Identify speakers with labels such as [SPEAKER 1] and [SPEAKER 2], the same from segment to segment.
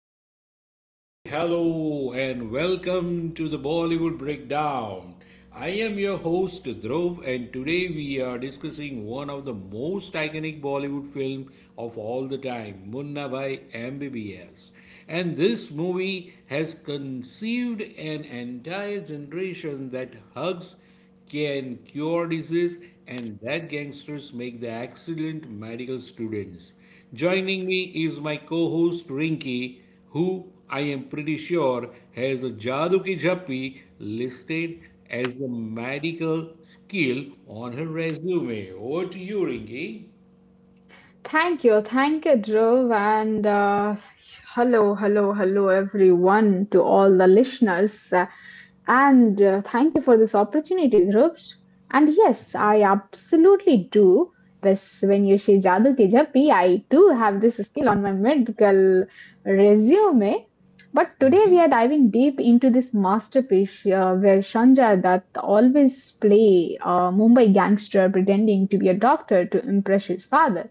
[SPEAKER 1] Namaste, hello, and welcome to the Bollywood Breakdown. I am your host Dhruv, and today we are discussing one of the most iconic Bollywood film of all the time, Munna Bhai MBBS. And this movie has conceived an entire generation that hugs can cure disease, and that gangsters make the excellent medical students. Joining me is my co-host Rinky, who I am pretty sure has a Jadoo Ki Jappi listed as a medical skill on her resume. Over to you, Rinky.
[SPEAKER 2] Thank you, Dhruv, and hello, hello, hello, everyone, to all the listeners. And Thank you for this opportunity, Dhruv. And yes, I absolutely do this. When you say Jadoo Ki Jappi, I do have this skill on my medical resume. But today we are diving deep into this masterpiece where Sanjay Dutt always play a Mumbai gangster pretending to be a doctor to impress his father.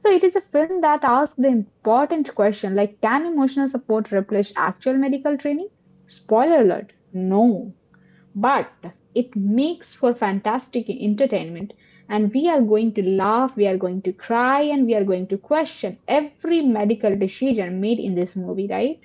[SPEAKER 2] So it is a film that asks the important question like can emotional support replace actual medical training? Spoiler alert, no. But it makes for fantastic entertainment and we are going to laugh, we are going to cry and we are going to question every medical decision made in this movie, right?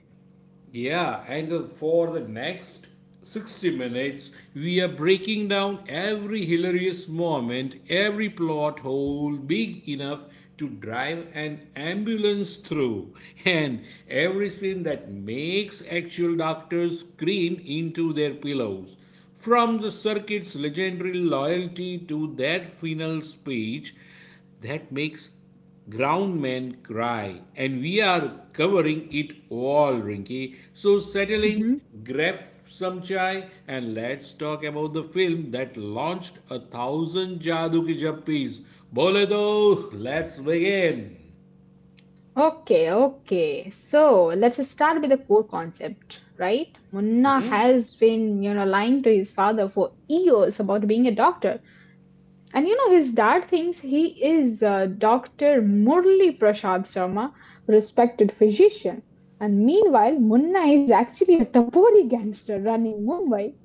[SPEAKER 1] Yeah, and for the next 60 minutes, we are breaking down every hilarious moment, every plot hole big enough to drive an ambulance through, and every scene that makes actual doctors scream into their pillows. From the circuit's legendary loyalty to that final speech that makes Ground men cry, and we are covering it all, Rinky. So settle in,
[SPEAKER 2] hmm
[SPEAKER 1] grab some chai, and let's talk about the film that launched a thousand Jadoo ki Jappies. Bole do, let's begin.
[SPEAKER 2] Okay, okay. So let's start with the core concept, right? Munna has been, you know, lying to his father for years about being a doctor. And you know, his dad thinks he is Dr. Murli Prasad Sharma, respected physician. And meanwhile, Munna is actually a Tapori gangster running Mumbai.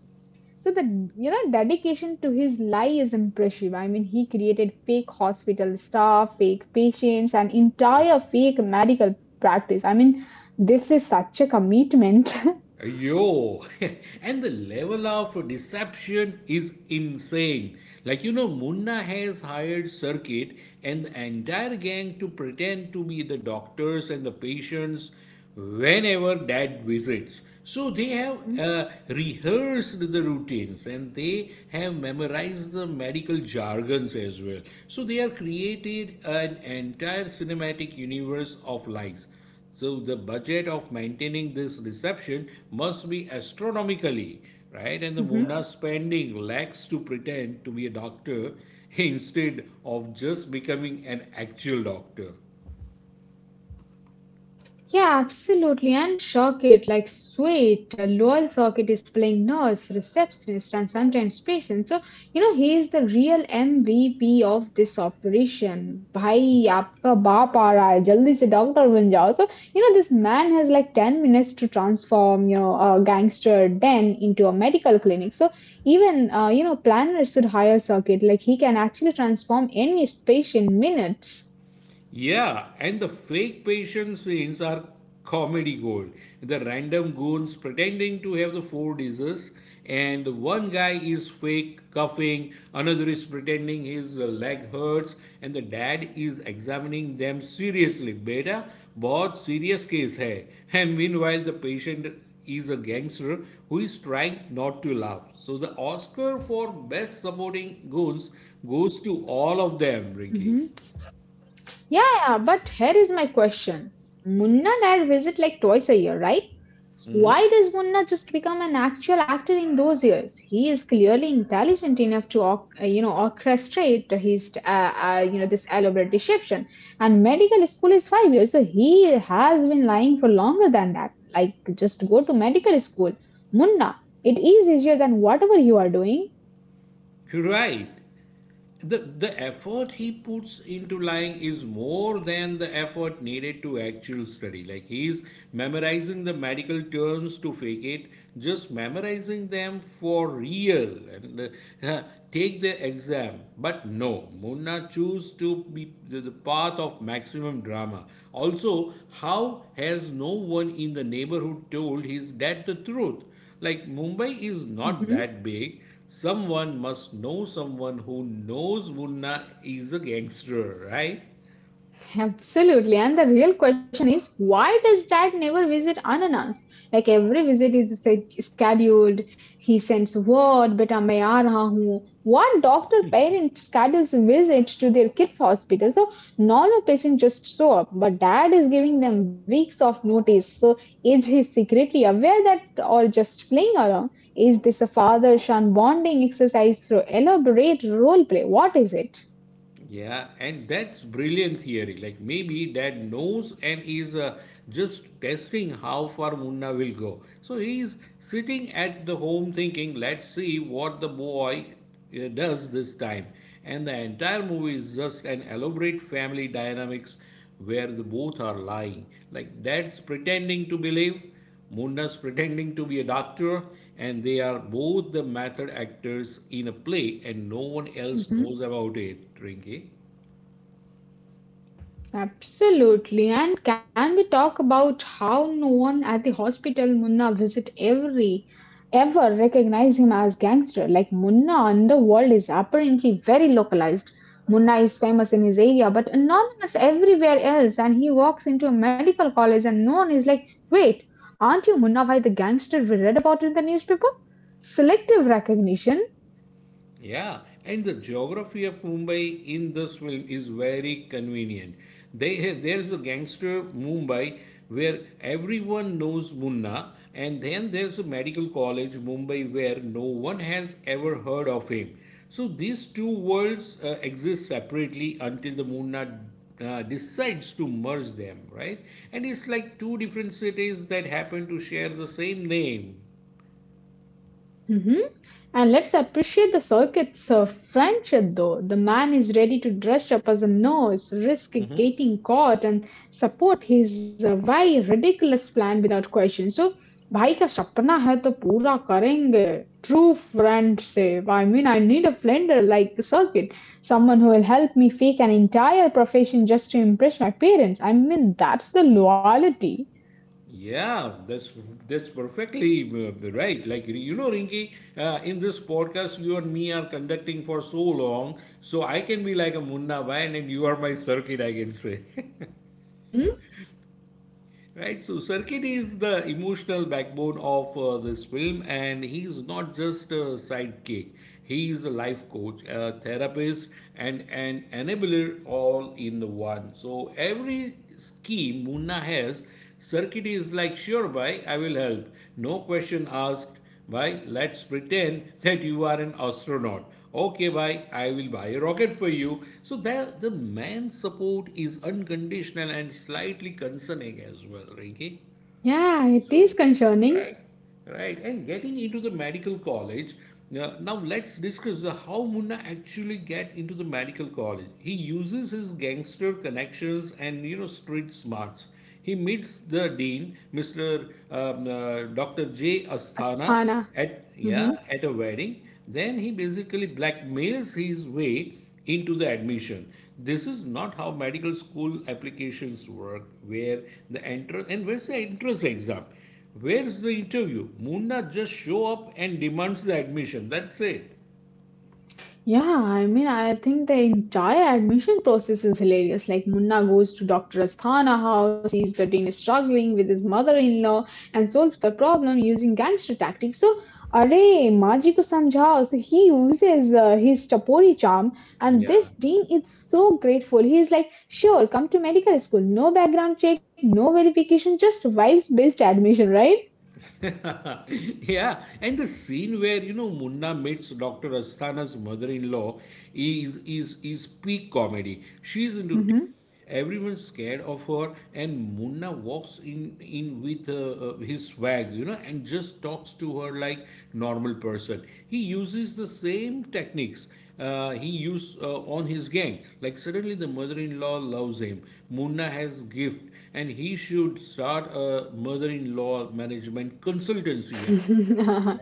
[SPEAKER 2] So the dedication to his lie is impressive. I mean, he created fake hospital staff, fake patients, and entire fake medical practice. I mean, this is such a commitment.
[SPEAKER 1] Yo, and the level of deception is insane. Like, you know, Munna has hired Circuit and the entire gang to pretend to be the doctors and the patients whenever dad visits. So they have rehearsed the routines and they have memorized the medical jargons as well. So they have created an entire cinematic universe of lies. So the budget of maintaining this reception must be astronomically, right? And the
[SPEAKER 2] Mhm.
[SPEAKER 1] Munna spending lacks to pretend to be a doctor instead of just becoming an actual doctor.
[SPEAKER 2] Yeah, absolutely. And Shocket, like sweet, Lowell Socket is playing nurse, receptionist, and sometimes patient. So, you know, he is the real MVP of this operation. Bhai, आपका बाप आ रहा है, जल्दी से doctor बन जाओ. So, you know, this man has like 10 minutes to transform, you know, a gangster den into a medical clinic. So, even, you know, planners should hire Socket. Like, he can actually transform any space in minutes.
[SPEAKER 1] Yeah, and the fake patient scenes are comedy gold. The random goons pretending to have the four diseases, and one guy is fake coughing, another is pretending his leg hurts, and the dad is examining them seriously. Beta, बहुत serious case है. And meanwhile, the patient is a gangster who is trying not to laugh. So the Oscar for best supporting goons goes to all of them, Ricky.
[SPEAKER 2] Mm-hmm. Yeah, yeah, but here is my question. Munna Nair visit like twice a year, right? Why does Munna just become an actual actor in those years? He is clearly intelligent enough to, you know, orchestrate his, you know, this elaborate deception. And medical school is 5 years, so he has been lying for longer than that. Like, just go to medical school, Munna. It is easier than whatever you are doing.
[SPEAKER 1] Right. The effort he puts into lying is more than the effort needed to actual study, like he's memorizing the medical terms to fake it, just memorizing them for real, and uh, take the exam. But no, Munna choose to be the path of maximum drama. Also, how has no one in the neighborhood told his dad the truth? Like, Mumbai is not
[SPEAKER 2] Mm-hmm.
[SPEAKER 1] that big. Someone must know someone who knows Munna is a gangster, right?
[SPEAKER 2] Absolutely. And the real question is why does dad never visit unannounced? Like every visit is scheduled. He sends word, beta main aa raha hoon. What doctor parent schedules visits to their kids' hospital? So normal patients just show up, but dad is giving them weeks of notice. So is he secretly aware that or just playing around? Is this a father-son bonding exercise through elaborate role play? What is it?
[SPEAKER 1] Yeah, and that's brilliant theory. Like maybe dad knows and is just testing how far Munna will go. So he's sitting at the home thinking, let's see what the boy does this time. And the entire movie is just an elaborate family dynamics where the both are lying. Like dad's pretending to believe, Munda's pretending to be a doctor, and they are both the method actors in a play, and no one else
[SPEAKER 2] Mhm.
[SPEAKER 1] knows about it, Rinki.
[SPEAKER 2] Absolutely. And can we talk about how no one at the hospital Munna visit every ever recognize him as gangster? Like Munna in the world is apparently very localized. Munna is famous in his area but anonymous everywhere else and he walks into a medical college and no one is like, wait, aren't you Munna Bhai the gangster we read about in the newspaper? Selective recognition.
[SPEAKER 1] Yeah, and the geography of Mumbai in this film is very convenient. There's a gangster Mumbai where everyone knows Munna, and then there's a medical college Mumbai where no one has ever heard of him. So these two worlds exist separately until the Munna decides to merge them, right? And it's like two different cities that happen to share the same name.
[SPEAKER 2] Mhm. And let's appreciate the circuits of friendship, though. The man is ready to dress up as a nurse, risk getting caught, and support his very ridiculous plan without question. So, भाई का सपना है तो पूरा करेंगे. True friend से. I mean, I need a friend like circuit. Someone who will help me fake an entire profession just to impress my parents. I mean, that's the loyalty.
[SPEAKER 1] Yeah, that's perfectly right. Like you know, Rinky, in this podcast, you and me are conducting for so long, so I can be like a Munna Bayan and you are my circuit, I can say.
[SPEAKER 2] hmm
[SPEAKER 1] Right, so Sarkit is the emotional backbone of this film, and he's not just a sidekick. He is a life coach, a therapist, and an enabler all in the one. So every scheme Munna has, Sarkit is like, sure, bhai, I will help. No question asked. Why? Let's pretend that you are an astronaut. Okay, why? I will buy a rocket for you. So that the man's support is unconditional and slightly concerning as well, Rinky.
[SPEAKER 2] Yeah, it is
[SPEAKER 1] So,
[SPEAKER 2] concerning.
[SPEAKER 1] right, right. And getting into the medical college, now, now let's discuss how Munna actually get into the medical college. He uses his gangster connections and, you know, street smarts. He meets the dean, Mr. Dr. J. Asthana,
[SPEAKER 2] Asthana.
[SPEAKER 1] at,
[SPEAKER 2] Mm-hmm.
[SPEAKER 1] yeah, at a wedding. Then he basically blackmails his way into the admission. This is not how medical school applications work. Where the entrance, and where's the entrance exam? Where's the interview? Munna just show up and demands the admission. That's it.
[SPEAKER 2] Yeah, I mean, I think the entire admission process is hilarious. Like, Munna goes to Dr. Asthana house, sees the Dean is struggling with his mother-in-law, and solves the problem using gangster tactics. So, array, Maji ko samjhao. So, he uses his Tapori charm, and this
[SPEAKER 1] Yeah.
[SPEAKER 2] Dean is so grateful. He is like, sure, come to medical school. No background check, no verification, just vibes-based admission, right?
[SPEAKER 1] Yeah, and the scene where you know Munna meets Dr. Asthana's mother-in-law is peak comedy. She's into, everyone's scared of her, and Munna walks in with his swag, you know, and just talks to her like normal person. He uses the same techniques he used on his gang. Like suddenly, the mother-in-law loves him. Munna has gift, and he should start a mother-in-law management consultancy.
[SPEAKER 2] Definitely,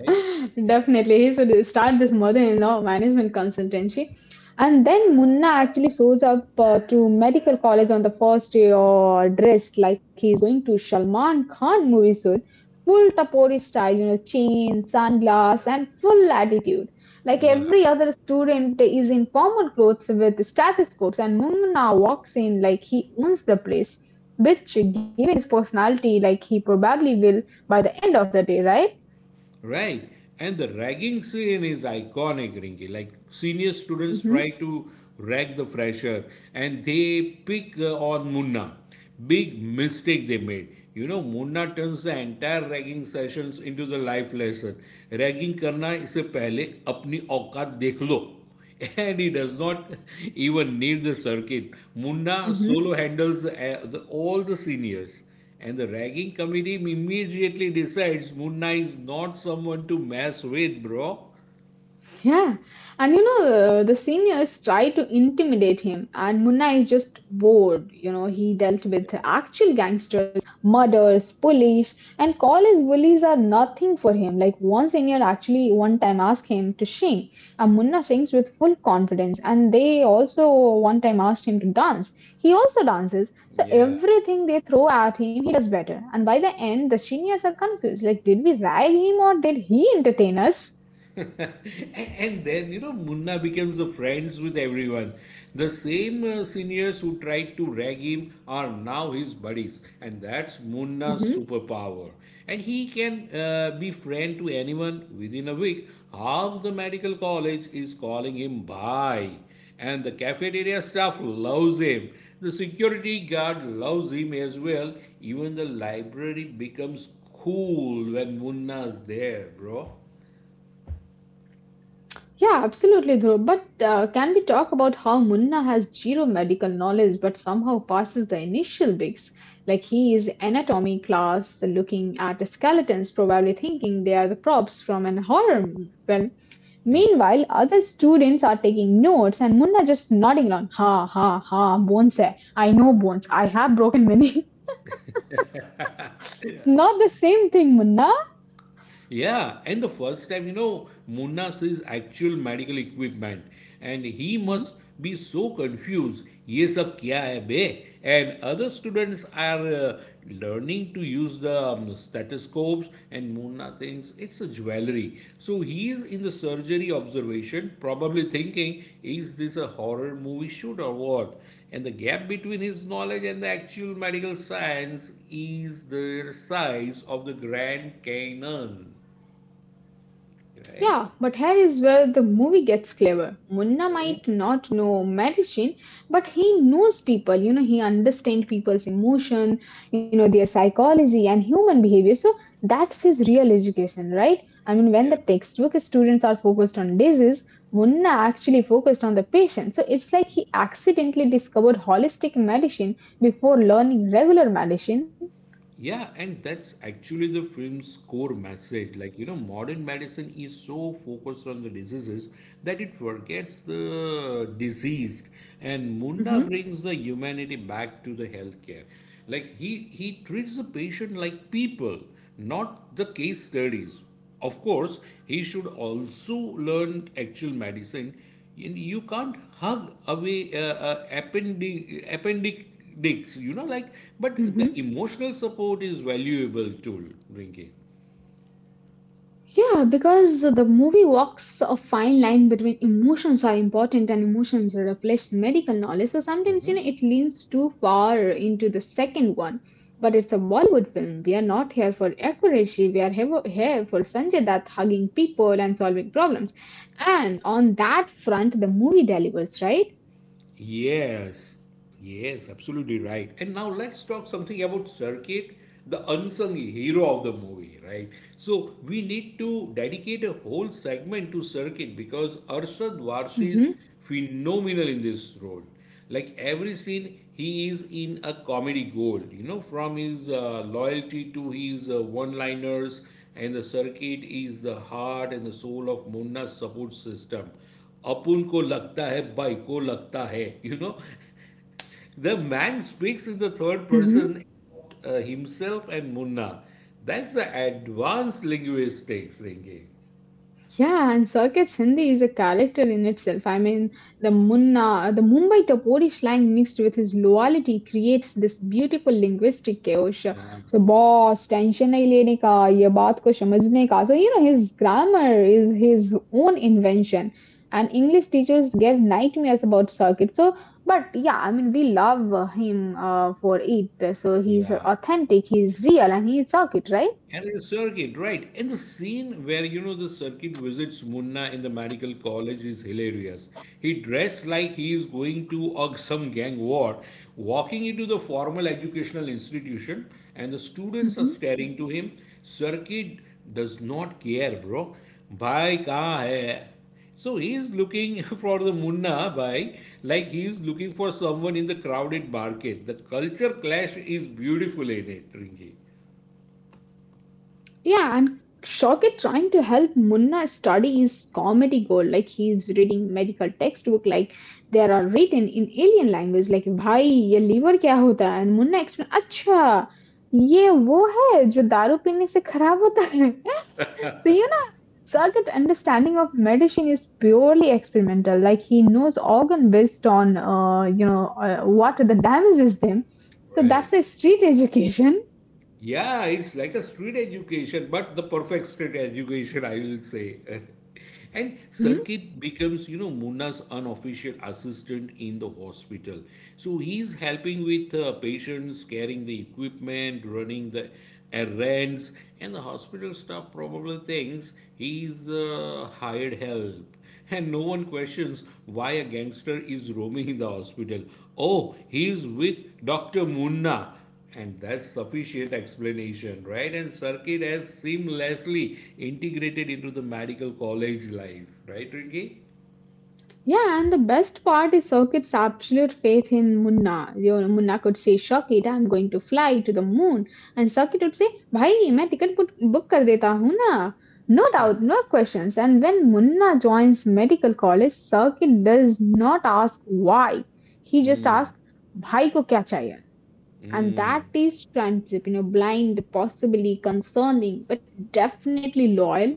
[SPEAKER 2] he should start this mother-in-law management consultancy. And then Munna actually shows up to medical college on the first day or dressed like he's going to Salman Khan movie suit, full tapori style, you know, chain, sunglass, and full attitude. Like every other student is in formal clothes with stethoscopes, and Munna walks in like he owns the place, which given his personality, like he probably will by the end of the day, right?
[SPEAKER 1] Right. And the ragging scene is iconic, Rinki. Like senior students
[SPEAKER 2] hmm
[SPEAKER 1] try to rag the fresher and they pick on Munna. Big mistake they made. You know, Munna turns the entire ragging sessions into the life lesson. Ragging करना इससे पहले अपनी औकात देख लो and he does not even need the circuit. Munna
[SPEAKER 2] hmm
[SPEAKER 1] solo handles all the seniors, and the ragging committee immediately decides Munna is not someone to mess with, bro.
[SPEAKER 2] Yeah. And you know, the seniors try to intimidate him, and Munna is just bored. You know, he dealt with actual gangsters murders, police, and college bullies are nothing for him. Like one senior actually one time asked him to sing, and Munna sings with full confidence. And they also one time asked him to dance. He also dances. So
[SPEAKER 1] Yeah.
[SPEAKER 2] everything they throw at him, he does better. And by the end, the seniors are confused. Like, did we rag him or did he entertain us?
[SPEAKER 1] And then, you know, Munna becomes a friends with everyone. The same seniors who tried to rag him are now his buddies. And that's Munna's
[SPEAKER 2] Mhm.
[SPEAKER 1] superpower. And he can be friend to anyone within a week. Half the medical college is calling him bhai. And the cafeteria staff loves him. The security guard loves him as well. Even the library becomes cool when Munna's there, bro.
[SPEAKER 2] Yeah, absolutely, Dhruv. But can we talk about how Munna has zero medical knowledge but somehow passes the initial bigs? Like he is anatomy class looking at skeletons, probably thinking they are the props from an horror film.
[SPEAKER 1] Yeah.
[SPEAKER 2] Meanwhile, other students are taking notes and Munna just nodding along. Ha ha ha, bones. Hai. I know bones. I have broken many. Not the same thing, Munna.
[SPEAKER 1] Yeah, and the first time, you know, Munna sees actual medical equipment and he must be so confused. Ye sab kya hai be? And other students are learning to use the stethoscopes and Munna thinks it's a jewelry. So he is in the surgery observation, probably thinking, is this a horror movie shoot or what? And the gap between his knowledge and the actual medical science is the size of the Grand Canyon. Right?
[SPEAKER 2] Yeah, but here is where the movie gets clever. Munna
[SPEAKER 1] Mhm.
[SPEAKER 2] might not know medicine, but he knows people. You know, he understands people's emotion, you know, their psychology and human behavior. So that's his real education, right? I mean, when
[SPEAKER 1] Yeah.
[SPEAKER 2] the textbook students are focused on disease, Munna actually focused on the patient. So it's like he accidentally discovered holistic medicine before learning regular medicine.
[SPEAKER 1] Yeah, and that's actually the film's core message. Like, you know, modern medicine is so focused on the diseases that it forgets the diseased. And Munna
[SPEAKER 2] hmm
[SPEAKER 1] brings the humanity back to the healthcare. Like he treats the patient like people, not the case studies. Of course, he should also learn actual medicine. You can't hug away appendix digs, you know, like, but the
[SPEAKER 2] hmm
[SPEAKER 1] emotional support is valuable tool, Rinki.
[SPEAKER 2] Yeah, because the movie walks a fine line between emotions are important and emotions replace medical knowledge. So sometimes, you
[SPEAKER 1] Hmm.
[SPEAKER 2] know, it leans too far into the second one. But it's a Bollywood film. We are not here for accuracy. We are here for Sanjay Dutt hugging people and solving problems. And on that front, the movie delivers, right?
[SPEAKER 1] Yes, yes, absolutely right. And now let's talk something about Circuit, the unsung hero of the movie, right? So we need to dedicate a whole segment to Circuit because Arshad Varshi is
[SPEAKER 2] Mm-hmm.
[SPEAKER 1] phenomenal in this role. Like every scene, he is in a comedy gold, you know, from his loyalty to his one liners, and the circuit is the heart and the soul of Munna's support system. अपुन को लगता है by को लगता है you know the man speaks in the third
[SPEAKER 2] Mm-hmm.
[SPEAKER 1] Person himself and Munna that's the advance linguistics thinking
[SPEAKER 2] Yeah, and Circuit Sindhi is a character in itself. I mean, the Munna, the Mumbai Tapori slang mixed with his loyalty creates this beautiful linguistic chaos. So, boss, tension nahi lene ka, ye baat ko samajhne ka. So, you know, his grammar is his own invention. And English teachers gave nightmares about Circuit. So, but yeah, I mean, we love him for it. So, he's
[SPEAKER 1] या.
[SPEAKER 2] authentic, he's real, and he's Circuit, right?
[SPEAKER 1] And the circuit, right? And the scene where you know the circuit visits Munna in the medical college is hilarious. He dressed like he is going to a some gang war, walking into the formal educational institution, and the students are staring to him. Circuit does not care, bro. Bhai kahan hai? So he is looking for the Munna bhai, like he is looking for someone in the crowded market. The culture clash is beautiful in it, Ringi.
[SPEAKER 2] Yeah, and Shoket trying to help Munna study is comedy gold. Like he's reading medical textbook, like there are written in alien language. Like भाई ये liver क्या होता है? And Munna explain, अच्छा ये वो है जो दारू पीने से खराब होता है. So you know, Shoket understanding of medicine is purely experimental. Like he knows organ based on you know what the damages them. So that's
[SPEAKER 1] Right.
[SPEAKER 2] a street education.
[SPEAKER 1] Yeah, it's like a street education, but the perfect street education, I will say. And
[SPEAKER 2] Mm-hmm.
[SPEAKER 1] Circuit becomes, you know, Munna's unofficial assistant in the hospital. So he's helping with patients, carrying the equipment, running the errands, and the hospital staff probably thinks he's hired help. And no one questions why a gangster is roaming in the hospital. Oh, he's with Dr. Munna and that's sufficient explanation, right? And circuit has seamlessly integrated into the medical college life, right, Ricky?
[SPEAKER 2] Yeah, and the best part is Sokit's absolute faith in Munna. You know, Munna could say, Shokit, I'm going to fly to the moon. And Sokit would say, Bhai, main ticket book kar deta hoon na. No doubt, no questions. And when Munna joins medical college, Sokit does not ask why. He just asks, Bhai ko kya chahiye? And
[SPEAKER 1] Mm.
[SPEAKER 2] that is friendship, you know, blind, possibly concerning, but definitely loyal.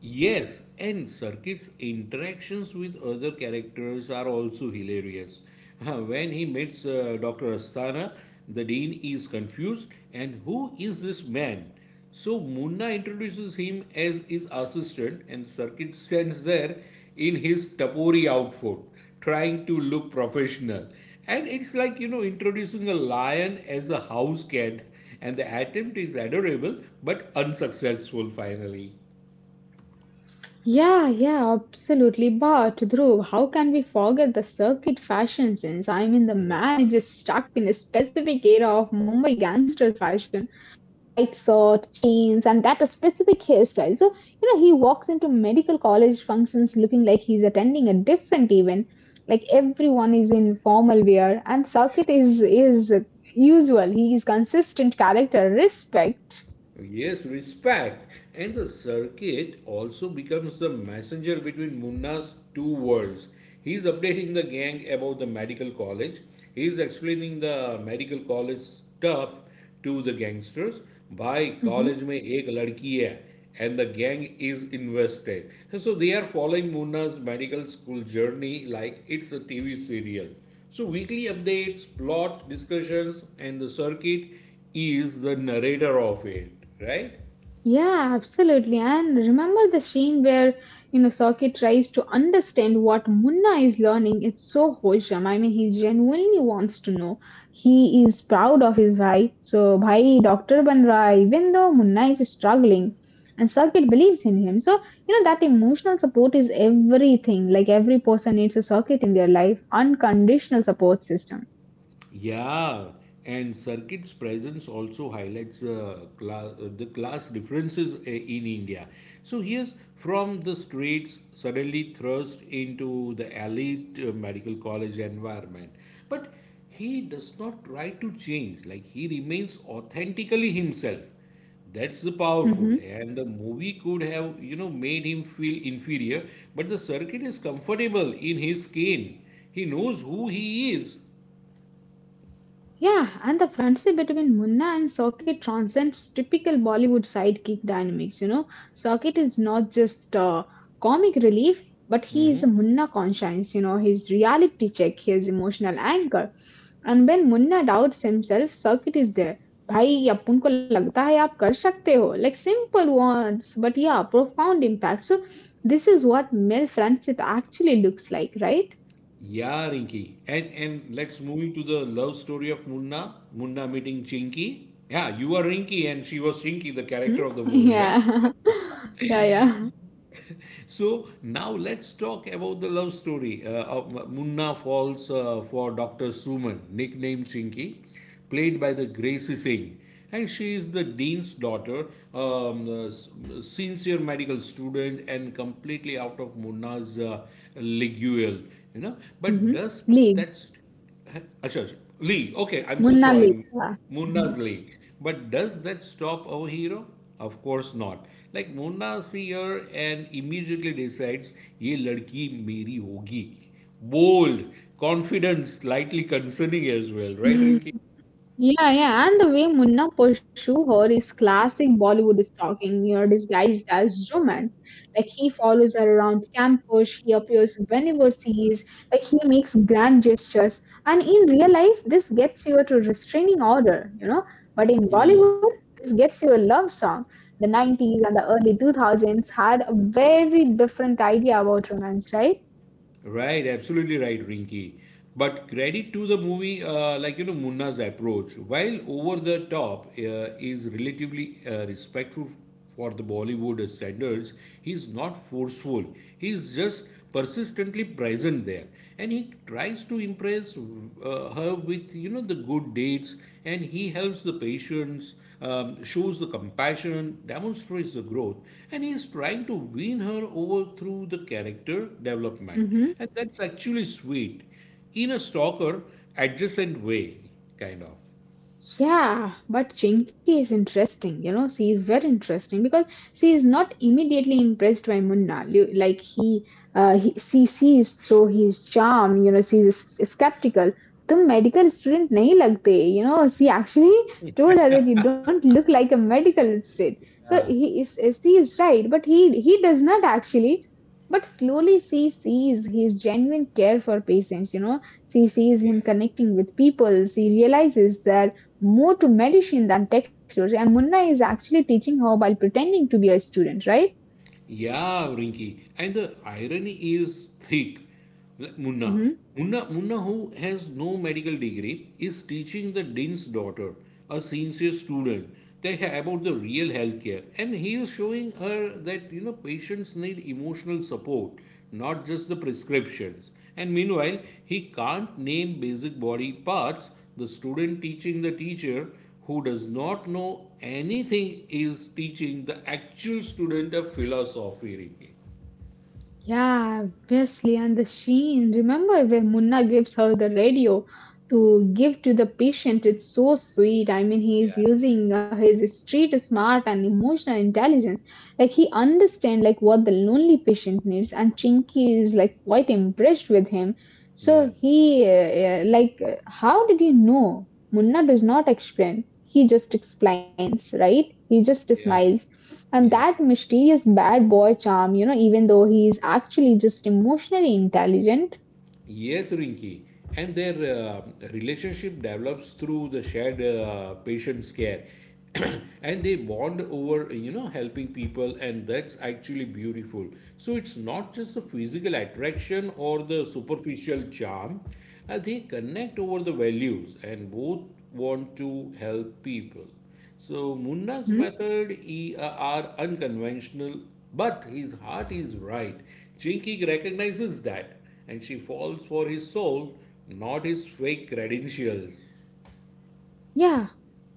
[SPEAKER 1] Yes, and Circuit's interactions with other characters are also hilarious. When he meets Dr. Asthana, the dean is confused and who is this man? So Munna introduces him as his assistant, and Circuit stands there in his tapori outfit, trying to look professional. And it's like, you know, introducing a lion as a house cat, and the attempt is adorable but unsuccessful finally.
[SPEAKER 2] Yeah, yeah, absolutely. But Dhruv, how can we forget the circuit fashion sense? I mean, the man is just stuck in a specific era of Mumbai gangster fashion, bright shirt, chains, and that a specific hairstyle. So, you know, he walks into medical college functions looking like he's attending a different event. Like everyone is in formal wear, and circuit is usual. He is consistent character, respect.
[SPEAKER 1] Yes, respect. And the circuit also becomes the messenger between Munna's two worlds. He's updating the gang about the medical college. He's explaining the medical college stuff to the gangsters. By
[SPEAKER 2] Mm-hmm.
[SPEAKER 1] college mein ek ladki hai and the gang is invested. So they are following Munna's medical school journey like it's a TV serial. So weekly updates, plot discussions, and the circuit is the narrator of it, right?
[SPEAKER 2] Yeah, absolutely. And remember the scene where, you know, Saki tries to understand what Munna is learning. It's so wholesome. I mean, he genuinely wants to know. He is proud of his bhai. So, bhai, Dr. Banra, even though Munna is struggling, and Saki believes in him. So, you know, that emotional support is everything. Like, every person needs a circuit in their life, unconditional support system.
[SPEAKER 1] Yeah, and circuit's presence also highlights the class differences in India. So here's from the streets suddenly thrust into the elite medical college environment. But he does not try to change, like he remains authentically himself. That's the powerful,
[SPEAKER 2] hmm
[SPEAKER 1] and the movie could have you know made him feel inferior, but the circuit is comfortable in his skin. He knows who he is.
[SPEAKER 2] Yeah, and the friendship between Munna and Circuit transcends typical Bollywood sidekick dynamics. You know, Circuit is not just comic relief, but he is a Munna conscience, you know, his reality check, his emotional anchor. And when Munna doubts himself, Circuit is there. भाई अब उनको लगता है आप कर सकते हो like simple words but yeah profound impact so this is what male friendship actually looks like, right?
[SPEAKER 1] Yeah, Rinky. And let's move into the love story of Munna. Munna meeting Chinky. Yeah, you were Rinky and she was Chinky, the
[SPEAKER 2] hmm?
[SPEAKER 1] character of the movie. Yeah.
[SPEAKER 2] Yeah. Yeah, yeah.
[SPEAKER 1] So now let's talk about the love story. Of Munna falls for Dr. Suman, nicknamed Chinky, played by the Gracie Singh. And she is the dean's daughter, a sincere medical student, and completely out of Munna's liguel. You know, but
[SPEAKER 2] Mhm.
[SPEAKER 1] does
[SPEAKER 2] League.
[SPEAKER 1] that's achha, achha. Lee, okay, I'm so
[SPEAKER 2] Munna League.
[SPEAKER 1] sorry.
[SPEAKER 2] Yeah. Mhm.
[SPEAKER 1] Munna's Lee. But does that stop our hero? Of course not. Like Munna sees her and immediately decides, ये लड़की मेरी होगी. Bold, confident, slightly concerning as well, right, Rinki?
[SPEAKER 2] Yeah, yeah, and the way Munna pursue her is classic Bollywood stalking, you know, disguised as romance. Like he follows her around campus, he appears whenever she is, like he makes grand gestures. And in real life, this gets you to restraining order, you know. But in Bollywood, this gets you a love song. The 90s and the early 2000s had a very different idea about romance, right?
[SPEAKER 1] Right, absolutely right, Rinky. But credit to the movie, like you know, Munna's approach, while over the top, is relatively respectful for the Bollywood standards. He's not forceful. He's just persistently present there, and he tries to impress her with you know the good deeds, and he helps the patients, shows the compassion, demonstrates the growth, and he is trying to win her over through the character development,
[SPEAKER 2] Mm-hmm.
[SPEAKER 1] and that's actually sweet in a stalker adjacent way kind of.
[SPEAKER 2] Yeah, but Chinky is interesting, you know, she is very interesting because she is not immediately impressed by Munna. Li- Like he she sees through his charm, you know, she is skeptical. The medical student nahi lagte, you know, she actually told her that you don't look like a medical student. So he is, she is right, but he does not actually. But slowly she sees his genuine care for patients, you know, she sees
[SPEAKER 1] Yeah
[SPEAKER 2] him connecting with people. She realizes that more to medicine than textbooks. And Munna is actually teaching her while pretending to be a student, right?
[SPEAKER 1] Yeah, Rinky. And the irony is thick. Like Munna. Munna, who has no medical degree, is teaching the dean's daughter, a sincere student, about the real healthcare. And he is showing her that you know patients need emotional support, not just the prescriptions. And meanwhile, he can't name basic body parts. The student teaching the teacher who does not know anything is teaching the actual student a philosophy, Rinki.
[SPEAKER 2] Yeah, obviously. And the sheen. Remember when Munna gives her the radio to give to the patient? It's so sweet. I mean, he is using his street smart and emotional intelligence. Like he understands like what the lonely patient needs, and Chinky is like quite impressed with him.
[SPEAKER 1] Yeah,
[SPEAKER 2] How did you know? Munna does not explain. He just explains, right? He just
[SPEAKER 1] yeah,
[SPEAKER 2] smiles. And
[SPEAKER 1] yeah.
[SPEAKER 2] that mysterious bad boy charm, you know, even though he is actually just emotionally intelligent.
[SPEAKER 1] Yes, Rinki. And their uh, relationship develops through the shared patient's care. And they bond over, you know, helping people, and that's actually beautiful. So it's not just the physical attraction or the superficial charm, they connect over the values, and both want to help people. So Munna's
[SPEAKER 2] Hmm?
[SPEAKER 1] method, are unconventional, but his heart is right. Chinky recognizes that, and she falls for his soul, not his fake credentials.
[SPEAKER 2] Yeah,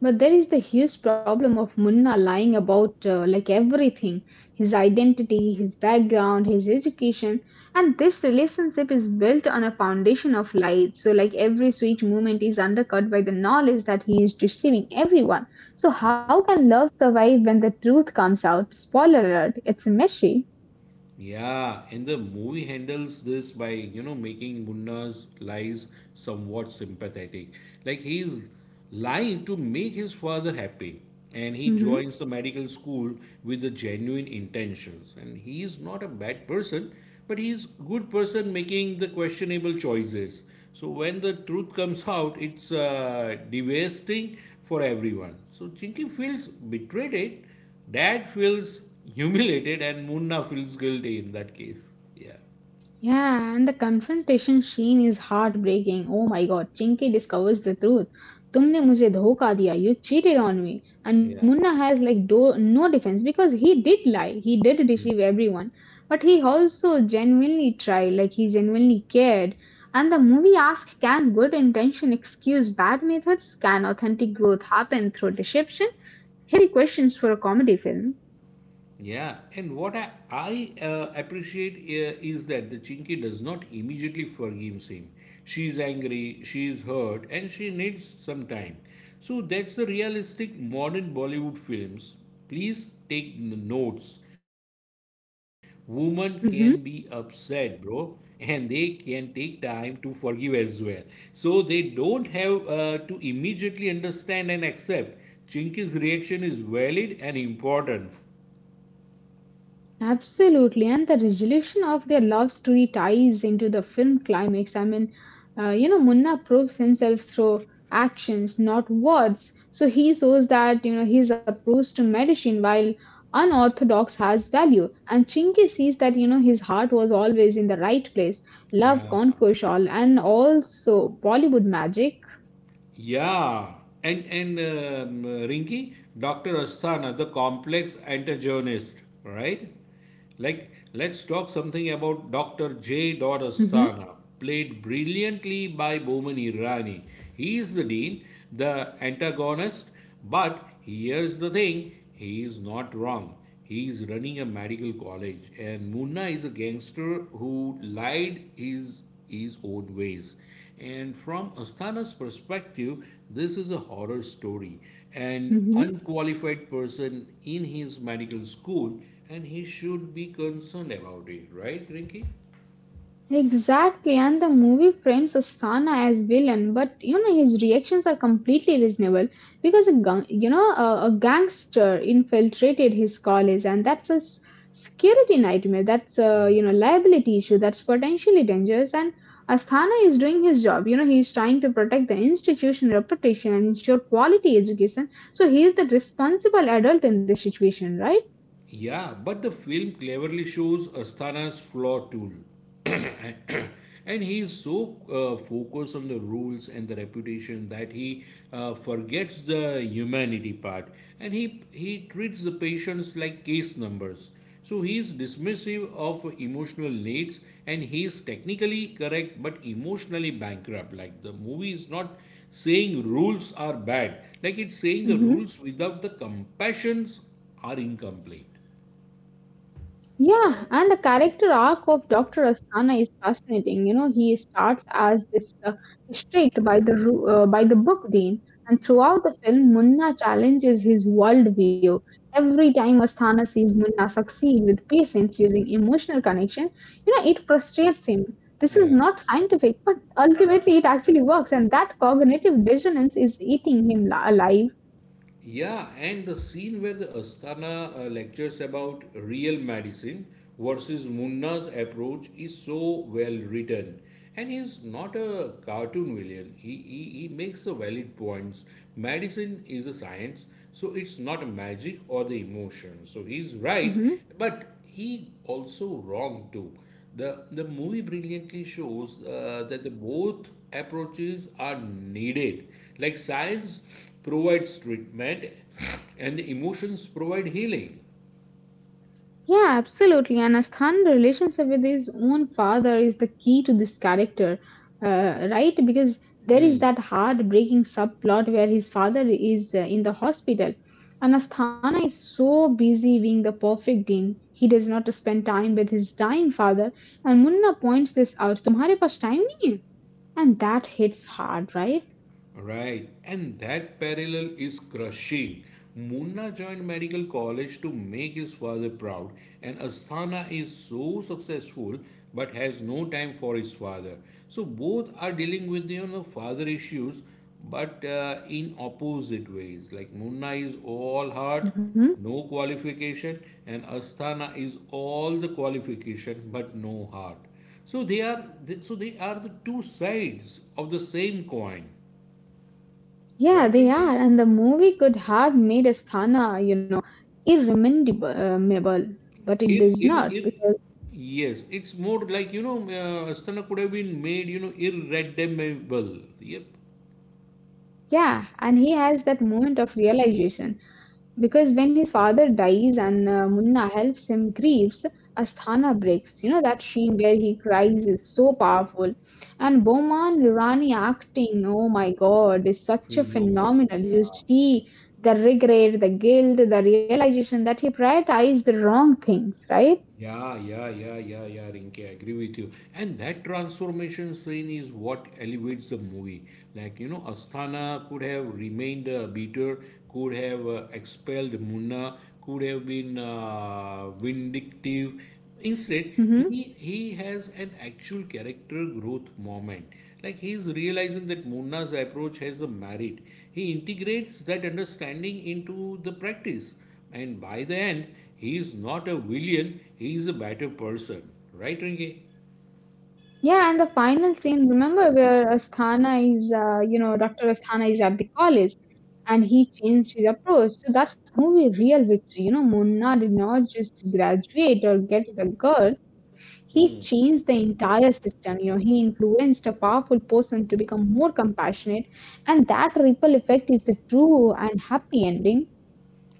[SPEAKER 2] but there is the huge problem of Munna lying about like everything, his identity, his background, his education. And this relationship is built on a foundation of lies. So, like every sweet moment is undercut by the knowledge that he is deceiving everyone. So, how can love survive when the truth comes out? Spoiler alert, it's a mystery.
[SPEAKER 1] Yeah, and the movie handles this by, you know, making Munna's lies somewhat sympathetic. Like he's lying to make his father happy. And he joins the medical school with the genuine intentions. And he is not a bad person, but he's a good person making the questionable choices. So when the truth comes out, it's devastating for everyone. So Chinky feels betrayed, Dad feels humiliated, and Munna feels guilty in that case. Yeah.
[SPEAKER 2] Yeah, and the confrontation scene is heartbreaking. Oh my god, Chinky discovers the truth. तुमने मुझे धोखा दिया. You cheated on me. And
[SPEAKER 1] Yeah.
[SPEAKER 2] Munna has like no defense because he did lie. He did deceive everyone. But he also genuinely tried, like he genuinely cared. And the movie asks, can good intention excuse bad methods? Can authentic growth happen through deception? Heavy questions for a comedy film.
[SPEAKER 1] Yeah, and what I appreciate is that the Chinky does not immediately forgive him. She is angry, she is hurt, and she needs some time. So that's the realistic modern Bollywood films. Please take notes. Women can be upset,
[SPEAKER 2] Mhm.
[SPEAKER 1] bro, and they can take time to forgive as well. So they don't have to immediately understand and accept. Chinky's reaction is valid and important.
[SPEAKER 2] Absolutely, and the resolution of their love story ties into the film climax. I mean, Munna proves himself through actions, not words. So he shows that you know his approach to medicine, while unorthodox, has value. And Chinki sees that you know his heart was always in the right place. Love
[SPEAKER 1] Right.
[SPEAKER 2] conquers all, and also Bollywood magic.
[SPEAKER 1] Yeah. And Rinki, Dr. Asthana, the complex antagonist, right? Like, let's talk something about Dr. J. Dot
[SPEAKER 2] Hmm.
[SPEAKER 1] Asthana, played brilliantly by Boman Irani. He is the dean, the antagonist. But here's the thing, he is not wrong. He is running a medical college, and Munna is a gangster who lied his own ways. And from Asthana's perspective, this is a horror story. An
[SPEAKER 2] Hmm.
[SPEAKER 1] unqualified person in his medical school, and he should be concerned about it, right, Rinki?
[SPEAKER 2] Exactly, and the movie frames Asana as villain, but you know his reactions are completely reasonable because a gang, you know a, gangster infiltrated his college, and that's a security nightmare. That's a you know liability issue. That's potentially dangerous, and Asthana is doing his job. You know he's trying to protect the institution reputation and ensure quality education. So he is the responsible adult in this situation, right?
[SPEAKER 1] Yeah, but the film cleverly shows Asthana's flaw tool. And he is so focused on the rules and the reputation that he forgets the humanity part, and he treats the patients like case numbers. So he is dismissive of emotional needs, and he is technically correct but emotionally bankrupt. Like, the movie is not saying rules are bad, like it's saying the
[SPEAKER 2] Mhm.
[SPEAKER 1] rules without the compassions are incomplete.
[SPEAKER 2] Yeah, and the character arc of Dr. Asthana is fascinating. You know, he starts as this strict by the by the book dean, and throughout the film, Munna challenges his worldview. Every time Asthana sees Munna succeed with patience using emotional connection, you know, it frustrates him. This is
[SPEAKER 1] Yeah,
[SPEAKER 2] not scientific, but ultimately it actually works, and that cognitive dissonance is eating him alive.
[SPEAKER 1] yeah, and the scene where the Asthana lectures about real medicine versus Munna's approach is so well written. And he's not a cartoon villain. He makes the valid points. Medicine is a science, so it's not magic or the emotion. So he's right,
[SPEAKER 2] Mm-hmm.
[SPEAKER 1] but he also wrong too. The movie brilliantly shows that the both approaches are needed. Like science provides treatment, and emotions provide healing.
[SPEAKER 2] Yeah, absolutely. And Asthan's relationship with his own father is the key to this character, right? Because there is that heartbreaking subplot where his father is in the hospital. And Asthana is so busy being the perfect dean, he does not spend time with his dying father. And Munna points this out, Tumhare paas time nahi hai. And that hits hard, right?
[SPEAKER 1] Right, and that parallel is crushing. Munna joined medical college to make his father proud, and Asthana is so successful but has no time for his father. So both are dealing with you know father issues, but in opposite ways. Like Munna is all heart,
[SPEAKER 2] Hmm.
[SPEAKER 1] no qualification, and Asthana is all the qualification but no heart. So they are, so they are the two sides of the same coin.
[SPEAKER 2] Yeah,
[SPEAKER 1] Right,
[SPEAKER 2] they
[SPEAKER 1] Rinki?
[SPEAKER 2] are. And the movie could have made Asthana, you know, irremediable, but it
[SPEAKER 1] Ir,
[SPEAKER 2] does
[SPEAKER 1] ir,
[SPEAKER 2] not.
[SPEAKER 1] ir. Yes, it's more like, you know, Astana could have been made, you know, irredeemable. Yep.
[SPEAKER 2] Yeah, and he has that moment of realization because when his father dies and Munna helps him grieves, Asthana breaks. You know that scene where he cries is so powerful, and Boman Rani acting, oh my God, is such a
[SPEAKER 1] Phenomenal,
[SPEAKER 2] phenomenal. You
[SPEAKER 1] yeah.
[SPEAKER 2] see the regret, the guilt, the realization that he prioritized the wrong things, right?
[SPEAKER 1] Yeah, Rinke, I agree with you. And that transformation scene is what elevates the movie. Like, you know, Asthana could have remained a beater, could have expelled Munna, could have been vindictive. Instead, he,
[SPEAKER 2] Mm-hmm.
[SPEAKER 1] he has an actual character growth moment. Like, he is realizing that Munna's approach has a merit. He integrates that understanding into the practice. And by the end, he is not a villain, he is a better person. Right, Rinki?
[SPEAKER 2] Yeah, and the final scene, remember where Asthana is, Dr. Asthana is at the college and he changed his approach. So that's the movie real victory. You know, Munna did not just graduate or get the girl, he changed the entire system. You know, he influenced a powerful person to become more compassionate, and that ripple effect is the true and happy ending.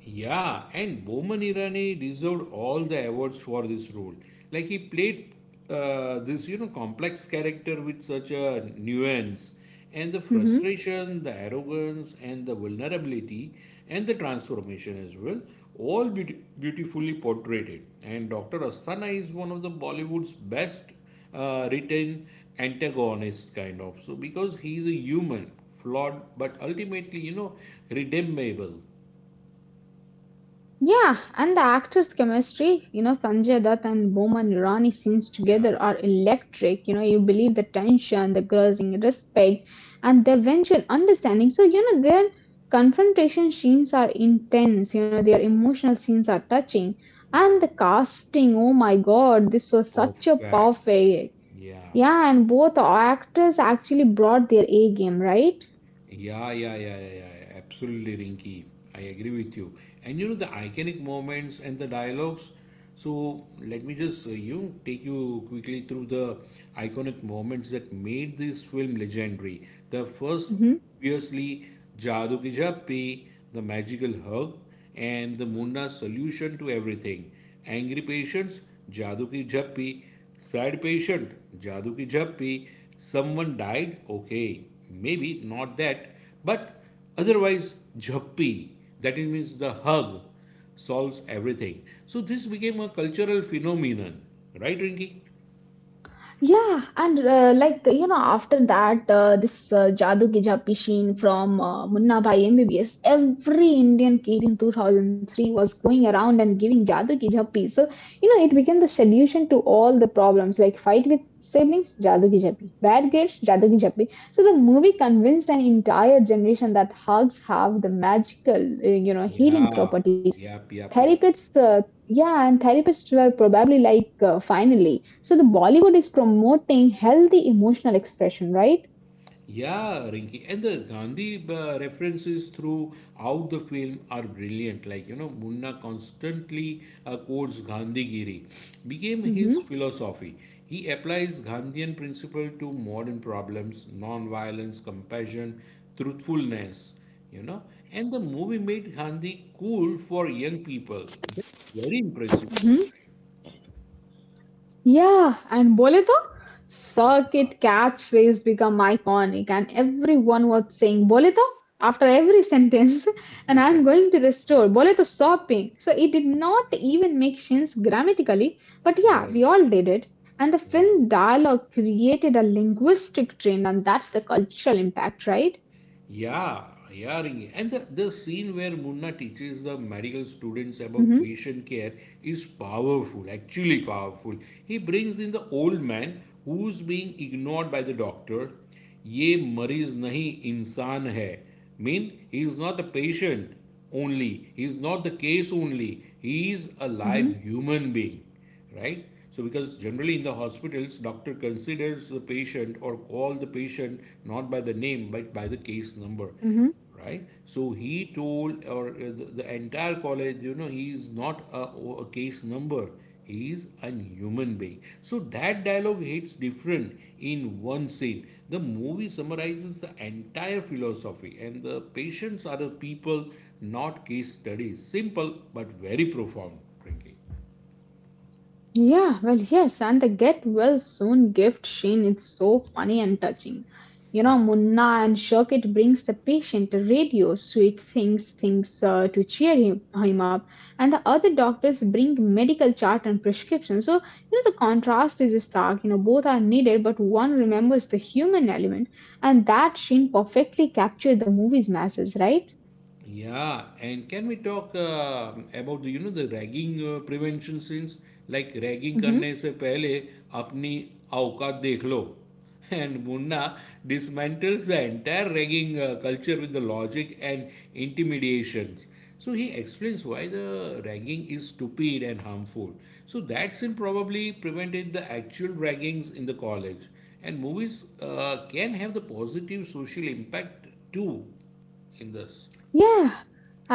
[SPEAKER 1] Yeah, and Boman Irani deserved all the awards for this role. Like, he played this, you know, complex character with such a nuance, and the
[SPEAKER 2] Mm-hmm.
[SPEAKER 1] frustration, the arrogance, and the vulnerability, and the transformation as well, all beautifully portrayed. And Dr. Asthana is one of the Bollywood's best written antagonist kind of. So because he is a human, flawed, but ultimately, you know, redeemable.
[SPEAKER 2] Yeah, and the actors' chemistry, you know, Sanjay Dutt and Boman Irani scenes
[SPEAKER 1] Yeah.
[SPEAKER 2] together are electric. You know, you believe the tension, the grudging respect, and the eventual understanding. So, you know, their confrontation scenes are intense, you know, their emotional scenes are touching. And
[SPEAKER 1] Yeah,
[SPEAKER 2] the casting, oh my god, this was such a
[SPEAKER 1] perfect.
[SPEAKER 2] perfect.
[SPEAKER 1] Yeah.
[SPEAKER 2] Yeah, and both actors actually brought their A game, right?
[SPEAKER 1] Yeah. Absolutely, Rinky. I agree with you. And you know the iconic moments and the dialogues. So let me just you know, take you quickly through the iconic moments that made this film legendary. The first,
[SPEAKER 2] Mhm.
[SPEAKER 1] obviously, Jadoo Ki Jappi, the magical hug, and the Munna solution to everything. Angry patients, Jadoo Ki Jappi, sad patient, Jadu ki jhappi. Someone died, okay, maybe not that, but otherwise, jhappi. That means the hug solves everything. So this became a cultural phenomenon, right, Rinki?
[SPEAKER 2] Yeah, and like you know, after that, this Jadoo Ki Jhapi Sheen from Munna Bhai MBBS, every Indian kid in 2003 was going around and giving Jadoo Ki Jhapi. So you know, it became the solution to all the problems like fight with siblings, Jadoo Ki Jhapi, bad grades, Jadoo Ki Jhapi. So the movie convinced an entire generation that hugs have the magical, healing
[SPEAKER 1] Yeah,
[SPEAKER 2] property.
[SPEAKER 1] yep.
[SPEAKER 2] Therapists yeah, and therapists were probably like finally so the Bollywood is promoting healthy emotional expression, right?
[SPEAKER 1] Yeah, Rinki. And the Gandhi references throughout the film are brilliant. Like, you know, Munna constantly quotes Gandhigiri, became his
[SPEAKER 2] Mm-hmm.
[SPEAKER 1] philosophy. He applies Gandhian principle to modern problems, non-violence, compassion, truthfulness, you know. And the movie made Gandhi cool for young people. That's very impressive.
[SPEAKER 2] Yeah, and bole to circuit catchphrase become iconic, and everyone was saying bole to after every sentence, and I'm going to the store bole to shopping. So it did not even make sense grammatically, but yeah,
[SPEAKER 1] Right.
[SPEAKER 2] we all did it. And the
[SPEAKER 1] Yeah.
[SPEAKER 2] film dialogue created a linguistic trend, and that's the cultural impact, right?
[SPEAKER 1] Yeah, yeah, Ringy. And the scene where Munna teaches the medical
[SPEAKER 2] Mm-hmm,
[SPEAKER 1] students about patient care is powerful, actually powerful. He brings in the old man who's being ignored by the doctor. ये मरीज नहीं इंसान है. Mean he is not the patient only. He is not the case only. He is a
[SPEAKER 2] mm-hmm,
[SPEAKER 1] live human being, right? So because generally in the hospitals doctor considers the patient or call the patient not by the name but by the case number,
[SPEAKER 2] mm-hmm.
[SPEAKER 1] right? So he told or the entire college, you know, he is not a case number, he is a human being. So that dialogue hits different in one scene. The movie summarizes the entire philosophy, and the patients are the people, not case studies. Simple but very profound, Rinki.
[SPEAKER 2] Yeah, well, yes, and the get well soon gift Shane is so funny and touching. You know, Munna and Shokit brings the patient a radio, sweet things, to cheer him up, and the other doctors bring medical chart and prescription. So, you know, the contrast is stark. You know, both are needed, but one remembers the human element, and that Shane perfectly captured the movie's message, right?
[SPEAKER 1] Yeah, and can we talk about the you know the ragging prevention since, like, ragging
[SPEAKER 2] Hmm.
[SPEAKER 1] करने से पहले अपनी औकात देख लो. And Munna dismantles the entire ragging culture with the logic and intimidations. So he explains why the ragging is stupid and harmful. So that sin probably prevented the actual raggings in the college. And movies can have the positive social impact too in this.
[SPEAKER 2] Yeah,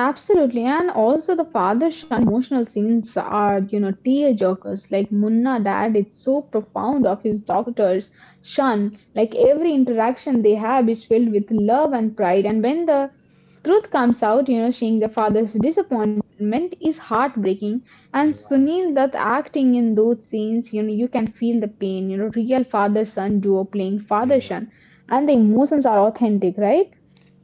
[SPEAKER 2] absolutely. And also the father son emotional scenes are, you know, tear jerkers. Like Munna dad, it's so profound of his daughter's son. Like every interaction they have is filled with love and pride. And when the truth comes out, you know, seeing the father's disappointment is heartbreaking. And
[SPEAKER 1] Yeah.
[SPEAKER 2] Sunil that acting in those scenes, you know, you can feel the pain, you know, real father son duo playing father
[SPEAKER 1] Yeah.
[SPEAKER 2] son. And the emotions are authentic, right?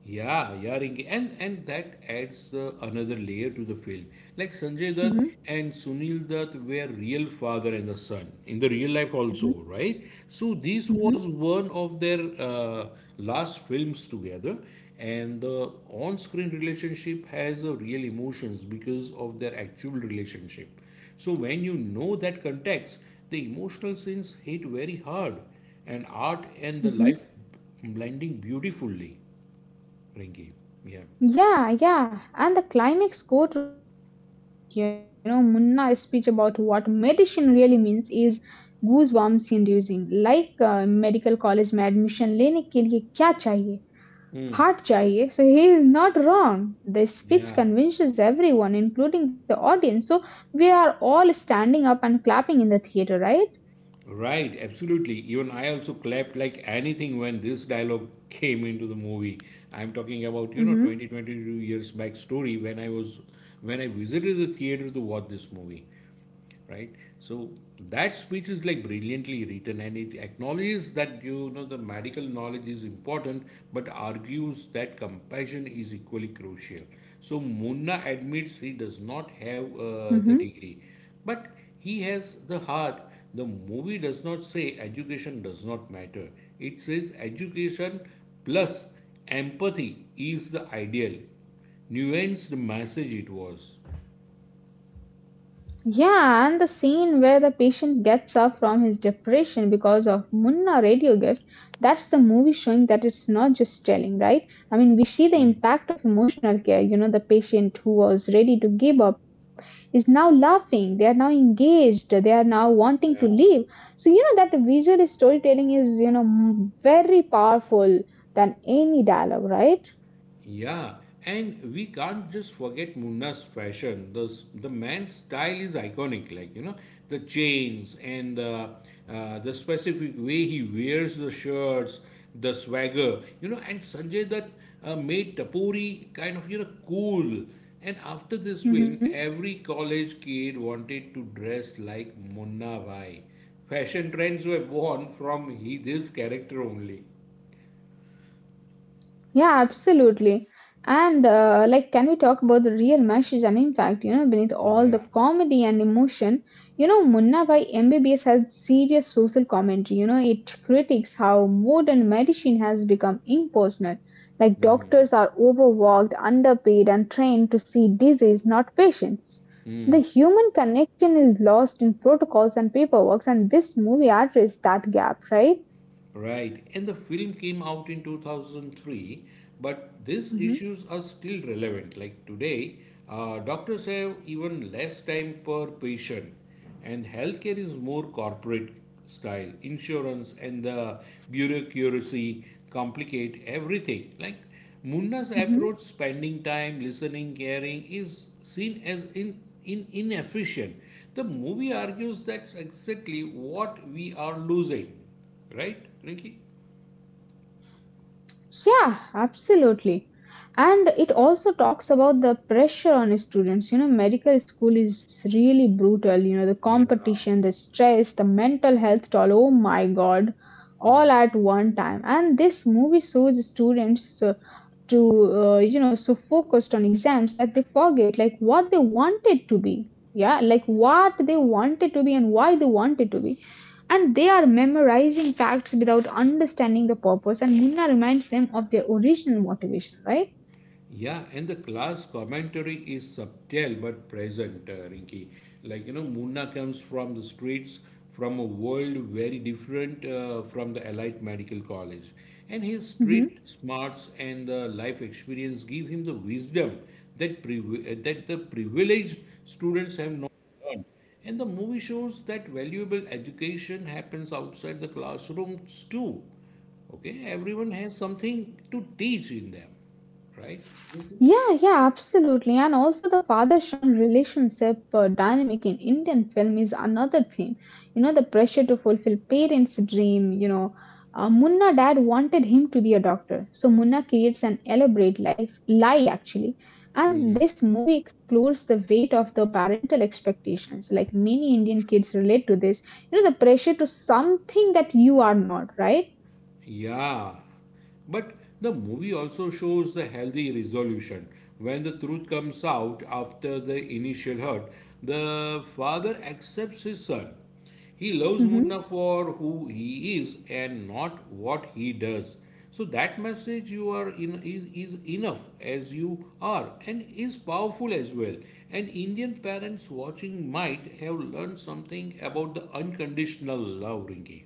[SPEAKER 1] Yeah, yeah, Rinki. And that adds the another layer to the film. Like Sanjay Dutt
[SPEAKER 2] Hmm.
[SPEAKER 1] and Sunil Dutt were real father and the son in the real life also, right? So this
[SPEAKER 2] Hmm.
[SPEAKER 1] was one of their last films together, and the on-screen relationship has a real emotions because of their actual relationship. So when you know that context, the emotional scenes hit very hard, and art and the
[SPEAKER 2] Hmm.
[SPEAKER 1] life blending beautifully, Rinky. Yeah.
[SPEAKER 2] Yeah, yeah. And the climax courtroom scene is epic. You know, Munna's speech about what medicine really means is goosebumps inducing. Like medical college में admission लेने के लिए क्या चाहिए?
[SPEAKER 1] Mm.
[SPEAKER 2] Heart चाहिए. So he is not wrong. The speech
[SPEAKER 1] Yeah.
[SPEAKER 2] convinces everyone, including the audience. So we are all standing up and clapping in the theater, right?
[SPEAKER 1] Right. Absolutely. Even I also clapped like anything when this dialogue came into the movie. I'm talking about, you know,
[SPEAKER 2] Mm-hmm.
[SPEAKER 1] 20, 22 years back story when I was when I visited the theater to watch this movie. Right, so that speech is like brilliantly written, and it acknowledges that, you know, the medical knowledge is important, but argues that compassion is equally crucial. So Munna admits he does not have
[SPEAKER 2] Mm-hmm.
[SPEAKER 1] the degree, but he has the heart. The movie does not say education does not matter. It says education plus empathy is the ideal. Nuanced message it was.
[SPEAKER 2] Yeah, and the scene where the patient gets up from his depression because of Munna radio gift, that's the movie showing that it's not just telling, right? I mean, we see the impact of emotional care. You know, the patient who was ready to give up is now laughing, they are now engaged, they are now wanting to
[SPEAKER 1] Yeah.
[SPEAKER 2] leave. So, you know, that visual storytelling is, you know, very powerful than any dialogue, right?
[SPEAKER 1] Yeah, and we can't just forget Munna's fashion. The man's style is iconic, like, you know, the chains and the specific way he wears the shirts, the swagger, you know, and Sanjay, that made Tapori kind of, you know, cool. And after this film,
[SPEAKER 2] Mm-hmm.
[SPEAKER 1] every college kid wanted to dress like Munna Bhai. Fashion trends were born from he, this character only.
[SPEAKER 2] Yeah, absolutely. And like, can we talk about the real message and impact? You know, beneath all
[SPEAKER 1] Yeah.
[SPEAKER 2] the comedy and emotion, you know, Munna by MBBS has serious social commentary. You know, it critiques how modern medicine has become impersonal. Like,
[SPEAKER 1] Mm.
[SPEAKER 2] doctors are overworked, underpaid, and trained to see disease, not patients. The human connection is lost in protocols and paperwork, and this movie addressed that gap, right?
[SPEAKER 1] Right, and the film came out in 2003, but these
[SPEAKER 2] Mm-hmm.
[SPEAKER 1] issues are still relevant. Like today, doctors have even less time per patient, and healthcare is more corporate style. Insurance and the bureaucracy complicate everything. Like Munna's approach, spending time, listening, caring, is seen as in inefficient. The movie argues that's exactly what we are losing. Right, Rinky?
[SPEAKER 2] Yeah, absolutely. And it also talks about the pressure on students. You know, medical school is really brutal. You know, the
[SPEAKER 1] Yeah,
[SPEAKER 2] competition, the stress, the mental health toll. Oh my God,
[SPEAKER 1] yeah.
[SPEAKER 2] all at one time. And this movie shows students you know, so focused on exams that they forget like what they wanted to be. Yeah, like what they wanted to be and why they wanted to be, and they are memorizing facts without understanding the purpose, and Munna reminds them of their original motivation, right?
[SPEAKER 1] Yeah, and the class commentary is subtle but present, Rinki. Like, you know, Munna comes from the streets, from a world very different from the Allied Medical College. And his
[SPEAKER 2] Hmm.
[SPEAKER 1] street smarts and the life experience give him the wisdom that the privileged students have not learned. And the movie shows that valuable education happens outside the classrooms too. Okay, everyone has something to teach in them, right?
[SPEAKER 2] Yeah, yeah, absolutely. And also the father-son relationship dynamic in Indian film is another theme. You know, the pressure to fulfill parents' dream, you know. Munna dad wanted him to be a doctor. So Munna creates an elaborate life lie actually. And this movie explores the weight of the parental expectations. Like many Indian kids relate to this. You know, the pressure to something that you are not, right?
[SPEAKER 1] Yeah, but the movie also shows the healthy resolution. When the truth comes out after the initial hurt, the father accepts his son. He loves
[SPEAKER 2] Mm-hmm.
[SPEAKER 1] Munna for who he is and not what he does. So that message, you are in is enough as you are and is powerful as well. And Indian parents watching might have learned something about the unconditional love, Rinki.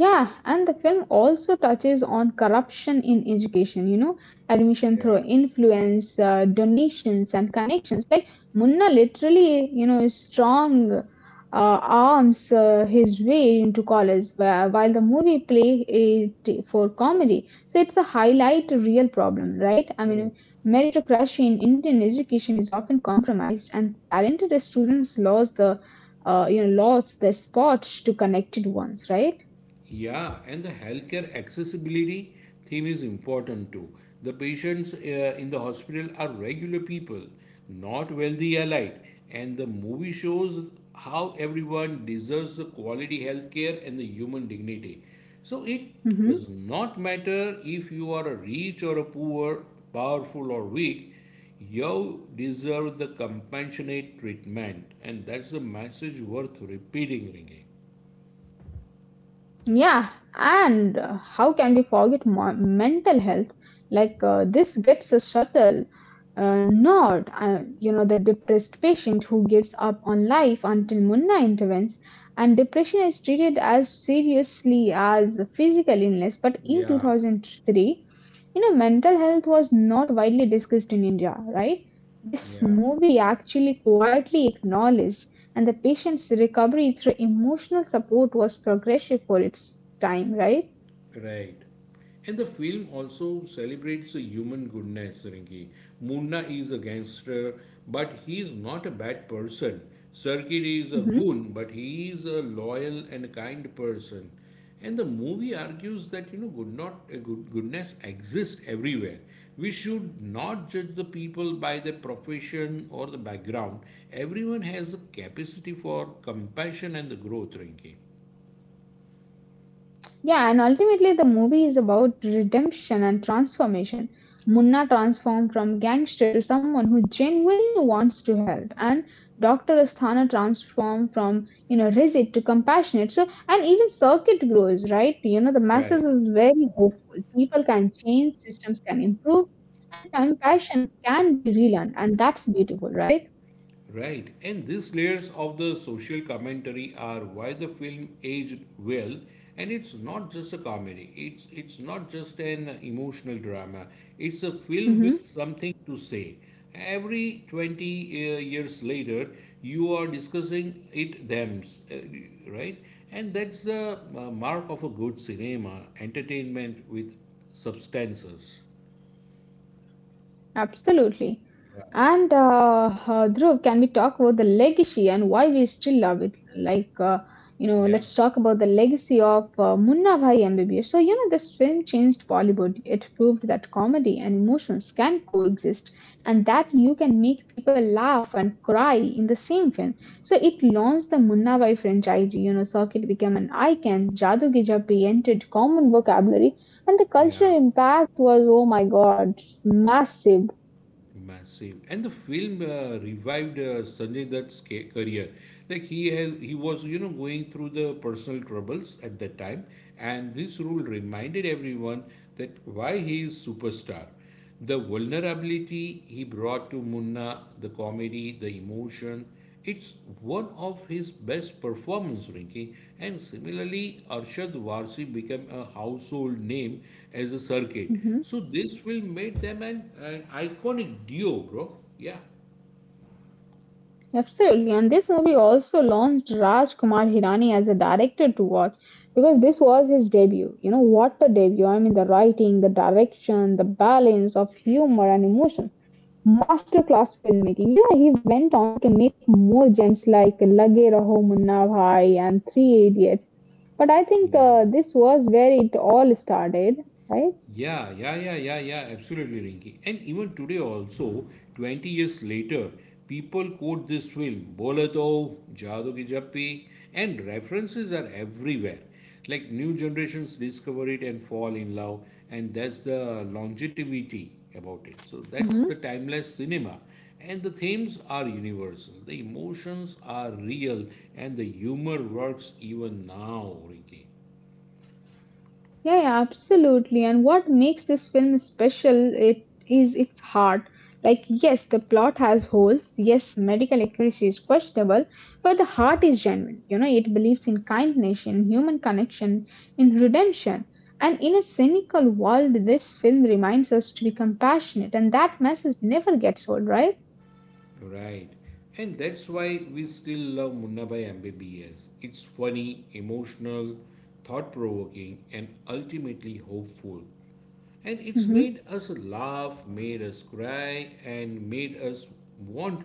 [SPEAKER 2] Yeah, and the film also touches on corruption in education, admission
[SPEAKER 1] Yeah.
[SPEAKER 2] through influence, donations, and connections. Like Munna literally, strong arms his way into college, while the movie play it for comedy. So it's a highlight a real problem, right? I mean, meritocracy in Indian education is often compromised, and talented students lose the lost the spot to connected ones, right?
[SPEAKER 1] Yeah, and the healthcare accessibility theme is important too. The patients in the hospital are regular people, not wealthy elite, and the movie shows how everyone deserves the quality healthcare and the human dignity. So it
[SPEAKER 2] Hmm.
[SPEAKER 1] does not matter if you are a rich or a poor, powerful or weak, you deserve the compassionate treatment, and that's a message worth repeating. Ringy.
[SPEAKER 2] Yeah, and how can we forget mental health? Like this gets a subtle nod. The depressed patient who gives up on life until Munna intervenes, and depression is treated as seriously as a physical illness. But in
[SPEAKER 1] Yeah,
[SPEAKER 2] 2003, mental health was not widely discussed in India, right? This
[SPEAKER 1] yeah.
[SPEAKER 2] movie actually quietly acknowledged, and the patient's recovery through emotional support was progressive for its time, right?
[SPEAKER 1] Right. And the film also celebrates a human goodness, Rinki. Munna is a gangster, but he is not a bad person. Sarkir is a
[SPEAKER 2] Hmm.
[SPEAKER 1] goon, but he is a loyal and kind person. And the movie argues that, you know, good not good, goodness exists everywhere. We should not judge the people by their profession or the background. Everyone has a capacity for compassion and the growth, Rinki.
[SPEAKER 2] Yeah, and ultimately the movie is about redemption and transformation. Munna transformed from gangster to someone who genuinely wants to help, and Dr. Asthana transformed from rigid to compassionate. So and even circuit grows, right? The masses
[SPEAKER 1] Right.
[SPEAKER 2] is very hopeful. People can change, systems can improve, and compassion can be relearned, and that's beautiful, right?
[SPEAKER 1] Right, and these layers of the social commentary are why the film aged well, and it's not just a comedy. It's not just an emotional drama. It's a film with something to say. Every 20 years later, you are discussing it them, right? And that's the mark of a good cinema, entertainment with substances.
[SPEAKER 2] Absolutely.
[SPEAKER 1] Yeah,
[SPEAKER 2] And Dhruv, can we talk about the legacy and why we still love it? Like,
[SPEAKER 1] yeah,
[SPEAKER 2] let's talk about the legacy of Munna Bhai MBBS. So, this film changed Bollywood. It proved that comedy and emotions can coexist, and that you can make people laugh and cry in the same film. So, it launched the Munna Bhai franchise. You know, circuit became an icon. Jadoo Ki Jab Bhi entered common vocabulary and the
[SPEAKER 1] yeah.
[SPEAKER 2] cultural impact was, oh my God. Massive.
[SPEAKER 1] Massive. And the film revived Sanjay Dutt's career. Like he was, you know, going through the personal troubles at that time, and this role reminded everyone that why he is superstar. The vulnerability he brought to Munna, the comedy, the emotion, it's one of his best performances, Rinki, and similarly, Arshad Warsi became a household name as a circuit.
[SPEAKER 2] Mhm.
[SPEAKER 1] So this will make them an iconic duo, bro. Yeah.
[SPEAKER 2] Absolutely. And this movie also launched Raj Kumar Hirani as a director to watch because this was his debut. You know, what a debut. I mean, the writing, the direction, the balance of humor and emotion. Masterclass filmmaking. You know, he went on to make more gems like Lage Raho Munna Bhai and Three Idiots. But I think
[SPEAKER 1] Yeah.
[SPEAKER 2] this was where it all started, right?
[SPEAKER 1] Yeah, yeah, yeah, yeah, yeah, absolutely, Rinky. And even today, also, 20 years later, people quote this film, Bola To, Jadoo Ki Jappi, and references are everywhere. Like new generations discover it and fall in love, and that's the longevity about it. So that's the timeless cinema. And the themes are universal, the emotions are real, and the humor works even now, Rinky.
[SPEAKER 2] Yeah, yeah, absolutely. And what makes this film special it is its heart. Like, yes, the plot has holes. Yes, medical accuracy is questionable, but the heart is genuine. You know, it believes in kindness, in human connection, in redemption. And in a cynical world, this film reminds us to be compassionate, and that message never gets old, right?
[SPEAKER 1] Right. And that's why we still love Munnabai MBBS. It's funny, emotional, thought provoking, and ultimately hopeful. And it's
[SPEAKER 2] Mm-hmm.
[SPEAKER 1] made us laugh, made us cry, and made us want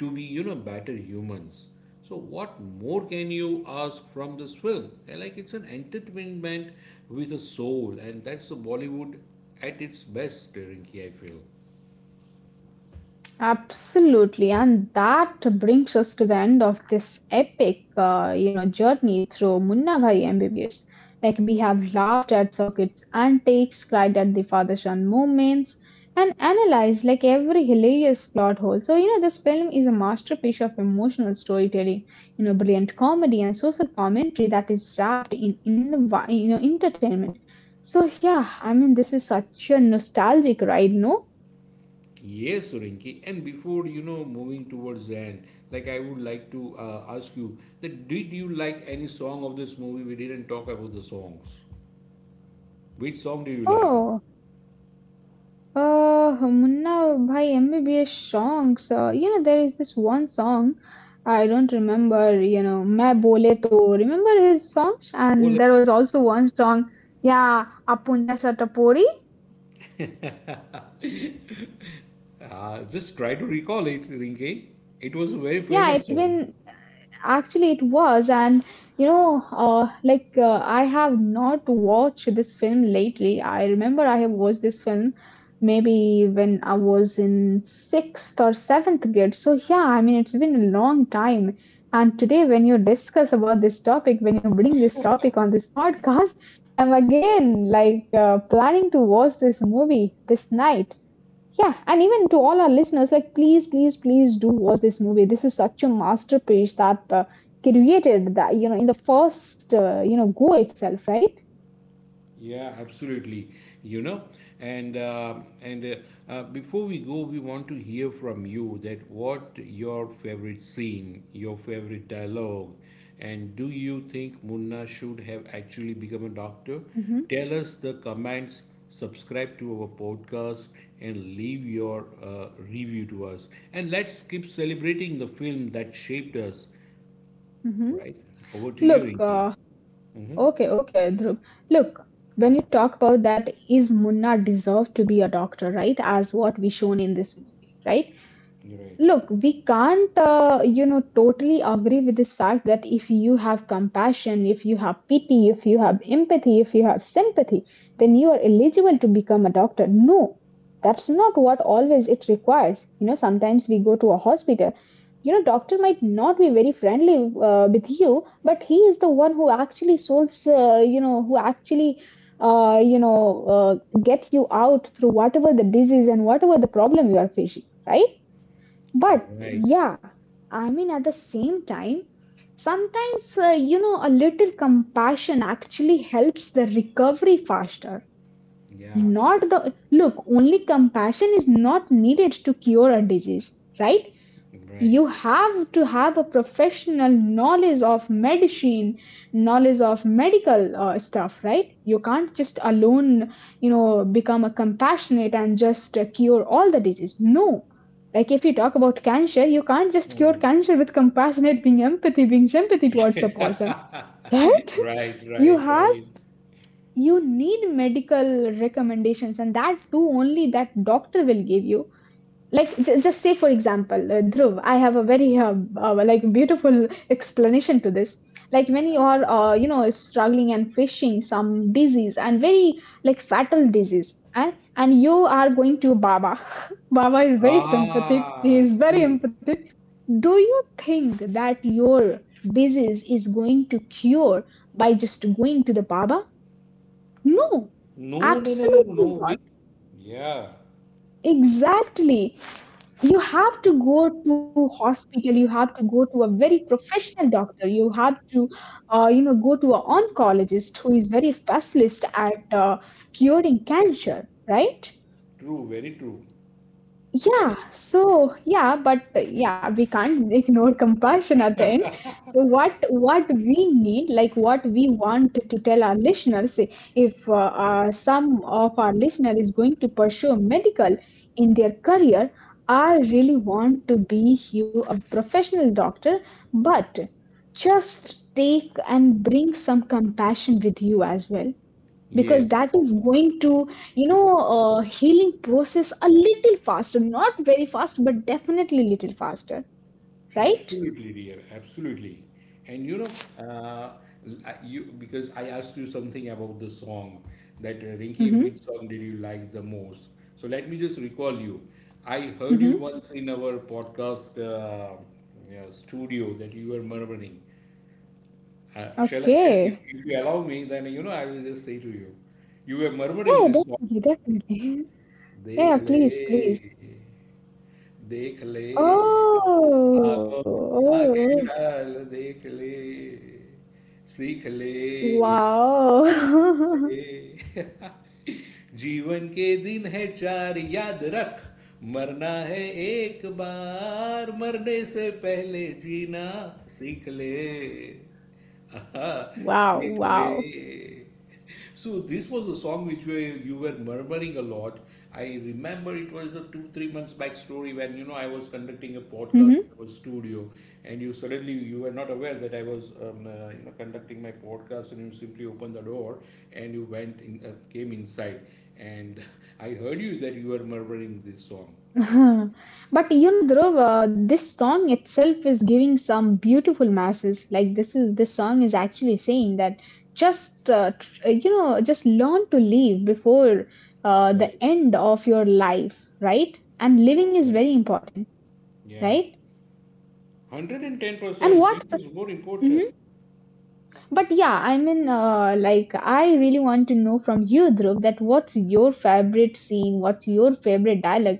[SPEAKER 1] to be, you know, better humans. So what more can you ask from this film? And, like, it's an entertainment with a soul, and that's the Bollywood at its best, Rinki, I feel.
[SPEAKER 2] Absolutely, and that brings us to the end of this epic, journey through Munna Bhai MBBS. Like we have laughed at Circuit's antics, cried at the father-son moments, and analyzed like every hilarious plot hole. So this film is a masterpiece of emotional storytelling, brilliant comedy and social commentary that is wrapped in entertainment. So yeah, I mean, this is such a nostalgic ride, no?
[SPEAKER 1] Yes, Rinki. And before, you know, moving towards the end, like, I would like to ask you that did you like any song of this movie? We didn't talk about the songs. Which song do you like?
[SPEAKER 2] Oh. Munna by MBBS songs. There is this one song, I don't remember, you know, Main Bole To. Remember his songs? And
[SPEAKER 1] Bole.
[SPEAKER 2] there was also one song, yeah, Apunja Satapori.
[SPEAKER 1] Ah, just try to recall it, Rinki. It was a very
[SPEAKER 2] Yeah,
[SPEAKER 1] famous
[SPEAKER 2] it's
[SPEAKER 1] song.
[SPEAKER 2] been. Actually, it was, and like I have not watched this film lately. I remember I have watched this film maybe when I was in sixth or seventh grade. So yeah, I mean, it's been a long time. And today, when you discuss about this topic, when you bring this topic on this podcast, I'm again like planning to watch this movie this night. Yeah, and even to all our listeners, like please, please, please do watch this movie. This is such a masterpiece that created that in the first go itself, right?
[SPEAKER 1] Yeah, absolutely. You know, and uh, and before we go, we want to hear from you that what your favorite scene, your favorite dialogue, and do you think Munna should have actually become a doctor?
[SPEAKER 2] Mm-hmm.
[SPEAKER 1] Tell us the comments. Subscribe to our podcast and leave your review to us. And let's keep celebrating the film that shaped us.
[SPEAKER 2] Mm-hmm.
[SPEAKER 1] Right? Over to you,
[SPEAKER 2] Look,
[SPEAKER 1] Rinki.
[SPEAKER 2] okay, okay, Dhruv. Look, when you talk about that, is Munna deserved to be a doctor, right? As what we shown in this movie, right?
[SPEAKER 1] You're right.
[SPEAKER 2] Look, we can't, totally agree with this fact that if you have compassion, if you have pity, if you have empathy, if you have sympathy, then you are eligible to become a doctor. No, that's not what always it requires. You know, sometimes we go to a hospital, doctor might not be very friendly with you, but he is the one who actually solves, who actually uh, you know uh, get you out through whatever the disease and whatever the problem you are facing, right?
[SPEAKER 1] You're
[SPEAKER 2] But
[SPEAKER 1] right.
[SPEAKER 2] yeah, I mean, at the same time, sometimes a little compassion actually helps the recovery faster,
[SPEAKER 1] Yeah.
[SPEAKER 2] not the. Look, only compassion is not needed to cure a disease, right?
[SPEAKER 1] Right.
[SPEAKER 2] You have to have a professional knowledge of medicine, knowledge of medical stuff, right? You can't just alone, become a compassionate and just cure all the disease. No, like if you talk about cancer, you can't just cure cancer with compassionate being empathy being sympathy towards the person,
[SPEAKER 1] Yeah.
[SPEAKER 2] right?
[SPEAKER 1] Right,
[SPEAKER 2] You
[SPEAKER 1] right,
[SPEAKER 2] have,
[SPEAKER 1] right.
[SPEAKER 2] you need medical recommendations, and that too only that doctor will give you. Like just say for example, Dhruv, I have a very like beautiful explanation to this. Like when
[SPEAKER 1] Yeah.
[SPEAKER 2] you are struggling and facing some disease and very like fatal disease, and you are going to baba. Baba is very sympathetic, he
[SPEAKER 1] Ah,
[SPEAKER 2] is very
[SPEAKER 1] true.
[SPEAKER 2] empathetic. Do you think that your disease is going to cure by just going to the baba? No,
[SPEAKER 1] No, no, no, no, no
[SPEAKER 2] absolutely
[SPEAKER 1] way.
[SPEAKER 2] not.
[SPEAKER 1] Yeah,
[SPEAKER 2] Exactly, you have to go to hospital, you have to go to a very professional doctor, you have to go to an oncologist who is very specialist at curing cancer, right?
[SPEAKER 1] true, very true.
[SPEAKER 2] Yeah, so yeah, but yeah, we can't ignore compassion at the end. So what we need, like what we want to tell our listeners, if some of our listener is going to pursue medical in their career, I really want to be you a professional doctor, but just take and bring some compassion with you as well, because
[SPEAKER 1] Yes,
[SPEAKER 2] that is going to you know healing process a little faster, not very fast but definitely little faster, right?
[SPEAKER 1] absolutely, dear, absolutely. And you know, you, because I asked you something about the song that, Rinki,
[SPEAKER 2] Mm-hmm,
[SPEAKER 1] which song did you like the most? So let me just recall you. I heard you
[SPEAKER 2] mm-hmm.
[SPEAKER 1] once in our podcast you know, studio that you were murmuring.
[SPEAKER 2] Okay.
[SPEAKER 1] If you allow me, then you know I will just say to you, you were
[SPEAKER 2] Yeah,
[SPEAKER 1] murmuring this song.
[SPEAKER 2] definitely, definitely.
[SPEAKER 1] देख
[SPEAKER 2] Yeah,
[SPEAKER 1] ले
[SPEAKER 2] please, please.
[SPEAKER 1] देख ले
[SPEAKER 2] Oh,
[SPEAKER 1] आंखों में
[SPEAKER 2] oh oh.
[SPEAKER 1] आंखें डाल देख ले सीख ले
[SPEAKER 2] Wow.
[SPEAKER 1] ले जीवन के दिन है चार याद रख मरना है एक बार मरने से पहले जीना सीख ले आहा,
[SPEAKER 2] Wow,
[SPEAKER 1] सीख
[SPEAKER 2] wow.
[SPEAKER 1] ले. So this was a song which we you were murmuring a lot. I remember it was a two, 3 months back story when, you know, I was conducting a
[SPEAKER 2] Mm-hmm.
[SPEAKER 1] podcast in our studio, and you suddenly, you were not aware that I was, you know, conducting my podcast, and you simply opened the door and came inside, and I heard you that you were murmuring this song.
[SPEAKER 2] But you know, Dhruv, this song itself is giving some beautiful masses. Like this song is actually saying that just just learn to live before the
[SPEAKER 1] Right.
[SPEAKER 2] end of your life, right? And living
[SPEAKER 1] True,
[SPEAKER 2] is
[SPEAKER 1] very
[SPEAKER 2] very
[SPEAKER 1] true.
[SPEAKER 2] important,
[SPEAKER 1] Yeah.
[SPEAKER 2] right? And
[SPEAKER 1] 110%.
[SPEAKER 2] what?
[SPEAKER 1] It is more important.
[SPEAKER 2] Mhm. But yeah, I mean, like I really want to know from you, Dhruv, that what's your favorite scene? What's your favorite dialogue?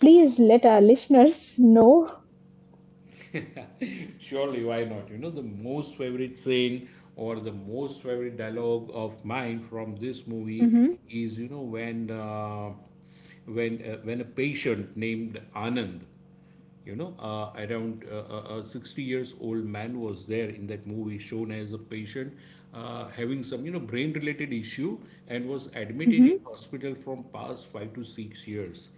[SPEAKER 2] Please let our listeners know.
[SPEAKER 1] Surely, why not? You know, the most favorite scene or the most favorite dialogue of mine from this movie
[SPEAKER 2] Hmm.
[SPEAKER 1] is, you know, when a patient named Anand, you know, around 60 years old man was there in that movie, shown as a patient having some, you know, brain related issue, and was admitted in
[SPEAKER 2] Hmm.
[SPEAKER 1] hospital from past 5 to 6 years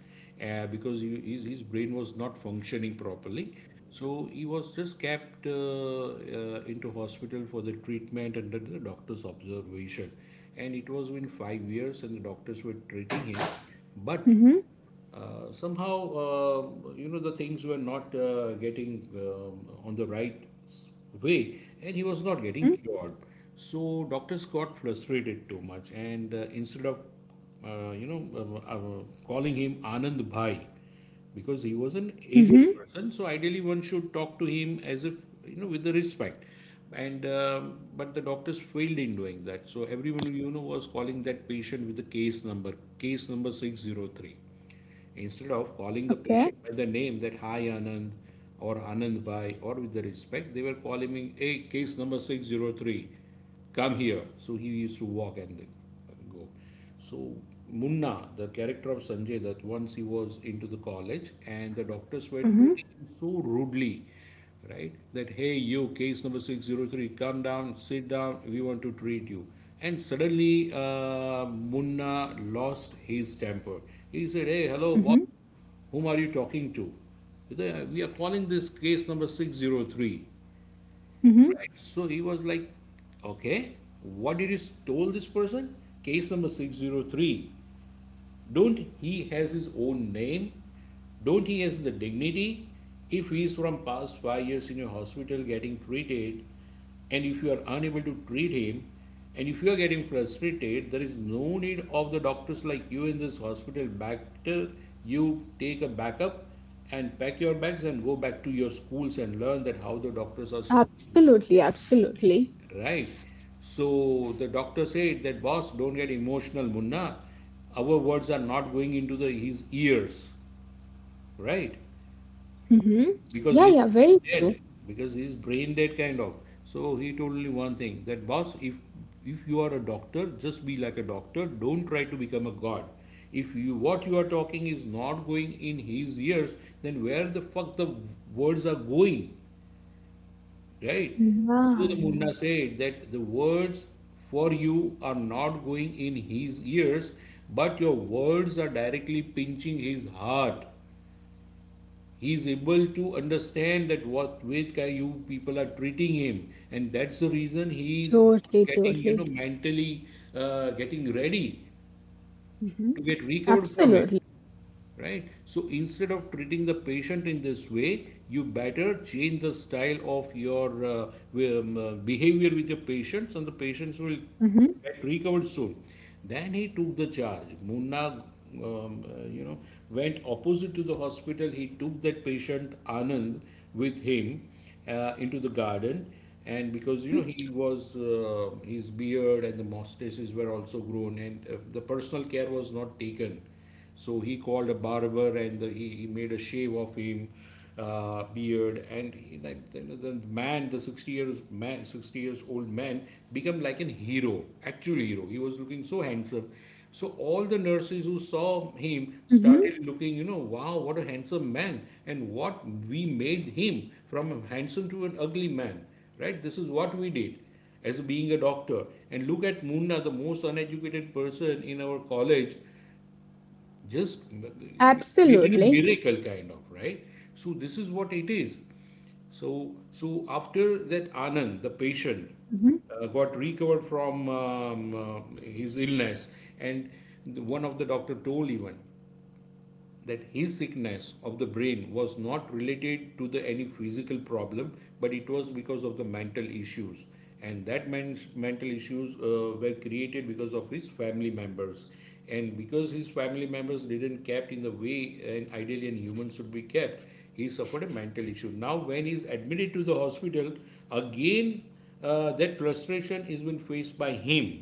[SPEAKER 1] because his brain was not functioning properly. So he was just kept into hospital for the treatment under the doctor's observation. And it was been 5 years and the doctors were treating him. But
[SPEAKER 2] Hmm.
[SPEAKER 1] uh, somehow, uh, you know, the things were not getting on the right way, and he was not getting
[SPEAKER 2] Mhm,
[SPEAKER 1] cured. So doctors got frustrated too much, and instead of, you know, calling him Anand Bhai, because he was an aged
[SPEAKER 2] mhm,
[SPEAKER 1] person, so ideally one should talk to him as if, you know, with the respect, and but the doctors failed in doing that. So everyone, you know, was calling that patient with the case number 603. Instead of calling the
[SPEAKER 2] okay.
[SPEAKER 1] patient by the name that, hi, Anand or Anand Bhai, or with the respect, they were calling me, hey, case number 603, come here. So he used to walk and then go. So Munna, the character of Sanjay, that once he was into the college and the doctors were
[SPEAKER 2] Mhm,
[SPEAKER 1] treating him so rudely, right? That, hey, you, case number 603, come down, sit down, we want to treat you. And suddenly, Munna lost his temper. He said, hey, hello,
[SPEAKER 2] mhm,
[SPEAKER 1] boss, whom are you talking to? We are calling this case number 603,
[SPEAKER 2] mhm.
[SPEAKER 1] right? So he was like, okay, what did you told this person? Case number 603, don't he has his own name? Don't he has the dignity? If he is from past 5 years in a hospital getting treated, and if you are unable to treat him, and if you are getting frustrated, there is no need of the doctors like you in this hospital. Better you take a backup and pack your bags and go back to your schools and learn that how the doctors are.
[SPEAKER 2] Absolutely, absolutely.
[SPEAKER 1] Right. So the doctor said that, boss, don't get emotional, Munna. Our words are not going into the his ears, right?
[SPEAKER 2] Mhm.
[SPEAKER 1] Because
[SPEAKER 2] Yeah,
[SPEAKER 1] he's
[SPEAKER 2] yeah,
[SPEAKER 1] brain
[SPEAKER 2] very true.
[SPEAKER 1] dead. Because he's brain dead kind of. So he told me one thing, that boss, if you are a doctor, just be like a doctor. Don't try to become a god. If you what you are talking is not going in his ears, then where the fuck the words are going? Right? So the
[SPEAKER 2] Yeah,
[SPEAKER 1] Munda
[SPEAKER 2] yeah.
[SPEAKER 1] said that the words for you are not going in his ears, but your words are directly pinching his heart. He is able to understand that what with you people are treating him, and that's the reason he is not
[SPEAKER 2] Totally,
[SPEAKER 1] getting, you know,
[SPEAKER 2] totally.
[SPEAKER 1] mentally getting ready to
[SPEAKER 2] Mhm.
[SPEAKER 1] get recovered from it.
[SPEAKER 2] Absolutely.
[SPEAKER 1] Right? So instead of treating the patient in this way, you better change the style of your behavior with your patients, and the patients will
[SPEAKER 2] Mhm,
[SPEAKER 1] get recovered soon. Then he took the charge, Munna, you know, went opposite to the hospital. He took that patient Anand with him into the garden, and because, you
[SPEAKER 2] mhm,
[SPEAKER 1] know, he was his beard and the mustaches were also grown, and the personal care was not taken. So he called a barber, and he made a shave of him, beard, and he, like, the man, the 60 years man, 60 years old man, become like an hero, actual hero. He was looking so handsome. So all the nurses who saw him
[SPEAKER 2] mhm.
[SPEAKER 1] started looking, you know, wow, what a handsome man, and what we made him from a handsome to an ugly man, right? This is what we did as being a doctor. And look at Munna, the most uneducated person in our college, just created a
[SPEAKER 2] Absolutely.
[SPEAKER 1] miracle kind of, right? So this is what it is. So after that, Anand, the patient,
[SPEAKER 2] Mhm.
[SPEAKER 1] got recovered from his illness, and the, one of the doctor told even that his sickness of the brain was not related to the any physical problem, but it was because of the mental issues. And that man's mental issues were created because of his family members, and because his family members didn't kept in the way and ideally and humans should be kept, he suffered a mental issue. Now when he is admitted to the hospital again, that frustration is being faced by him,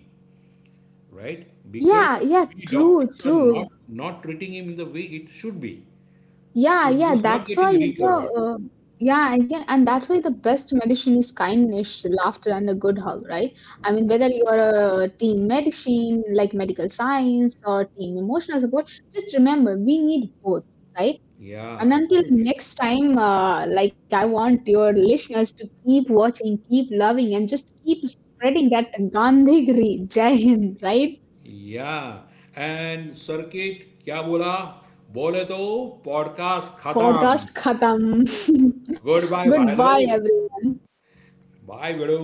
[SPEAKER 1] right? Because
[SPEAKER 2] Yeah, yeah,
[SPEAKER 1] we
[SPEAKER 2] true,
[SPEAKER 1] doctors are
[SPEAKER 2] true.
[SPEAKER 1] not treating him in the way it should be.
[SPEAKER 2] Yeah,
[SPEAKER 1] So he
[SPEAKER 2] yeah,
[SPEAKER 1] was not
[SPEAKER 2] that's why,
[SPEAKER 1] getting
[SPEAKER 2] you know,
[SPEAKER 1] recovered.
[SPEAKER 2] yeah, again, and that's why the best medicine is kindness, laughter, and a good hug, right? I mean, whether
[SPEAKER 1] Absolutely.
[SPEAKER 2] you're a team medicine, like medical science, or team emotional support, just remember we need both, right?
[SPEAKER 1] Yeah,
[SPEAKER 2] And until
[SPEAKER 1] absolutely.
[SPEAKER 2] next time, like, I want your listeners to keep watching, keep loving, and just keep spreading that Gandhi Jai Hind, right?
[SPEAKER 1] Yeah. And circuit क्या बोला? बोले तो podcast खत्म.
[SPEAKER 2] Podcast khatam.
[SPEAKER 1] Good bye भाई
[SPEAKER 2] Goodbye,
[SPEAKER 1] लोग.
[SPEAKER 2] everyone.
[SPEAKER 1] Bye बेड़ू.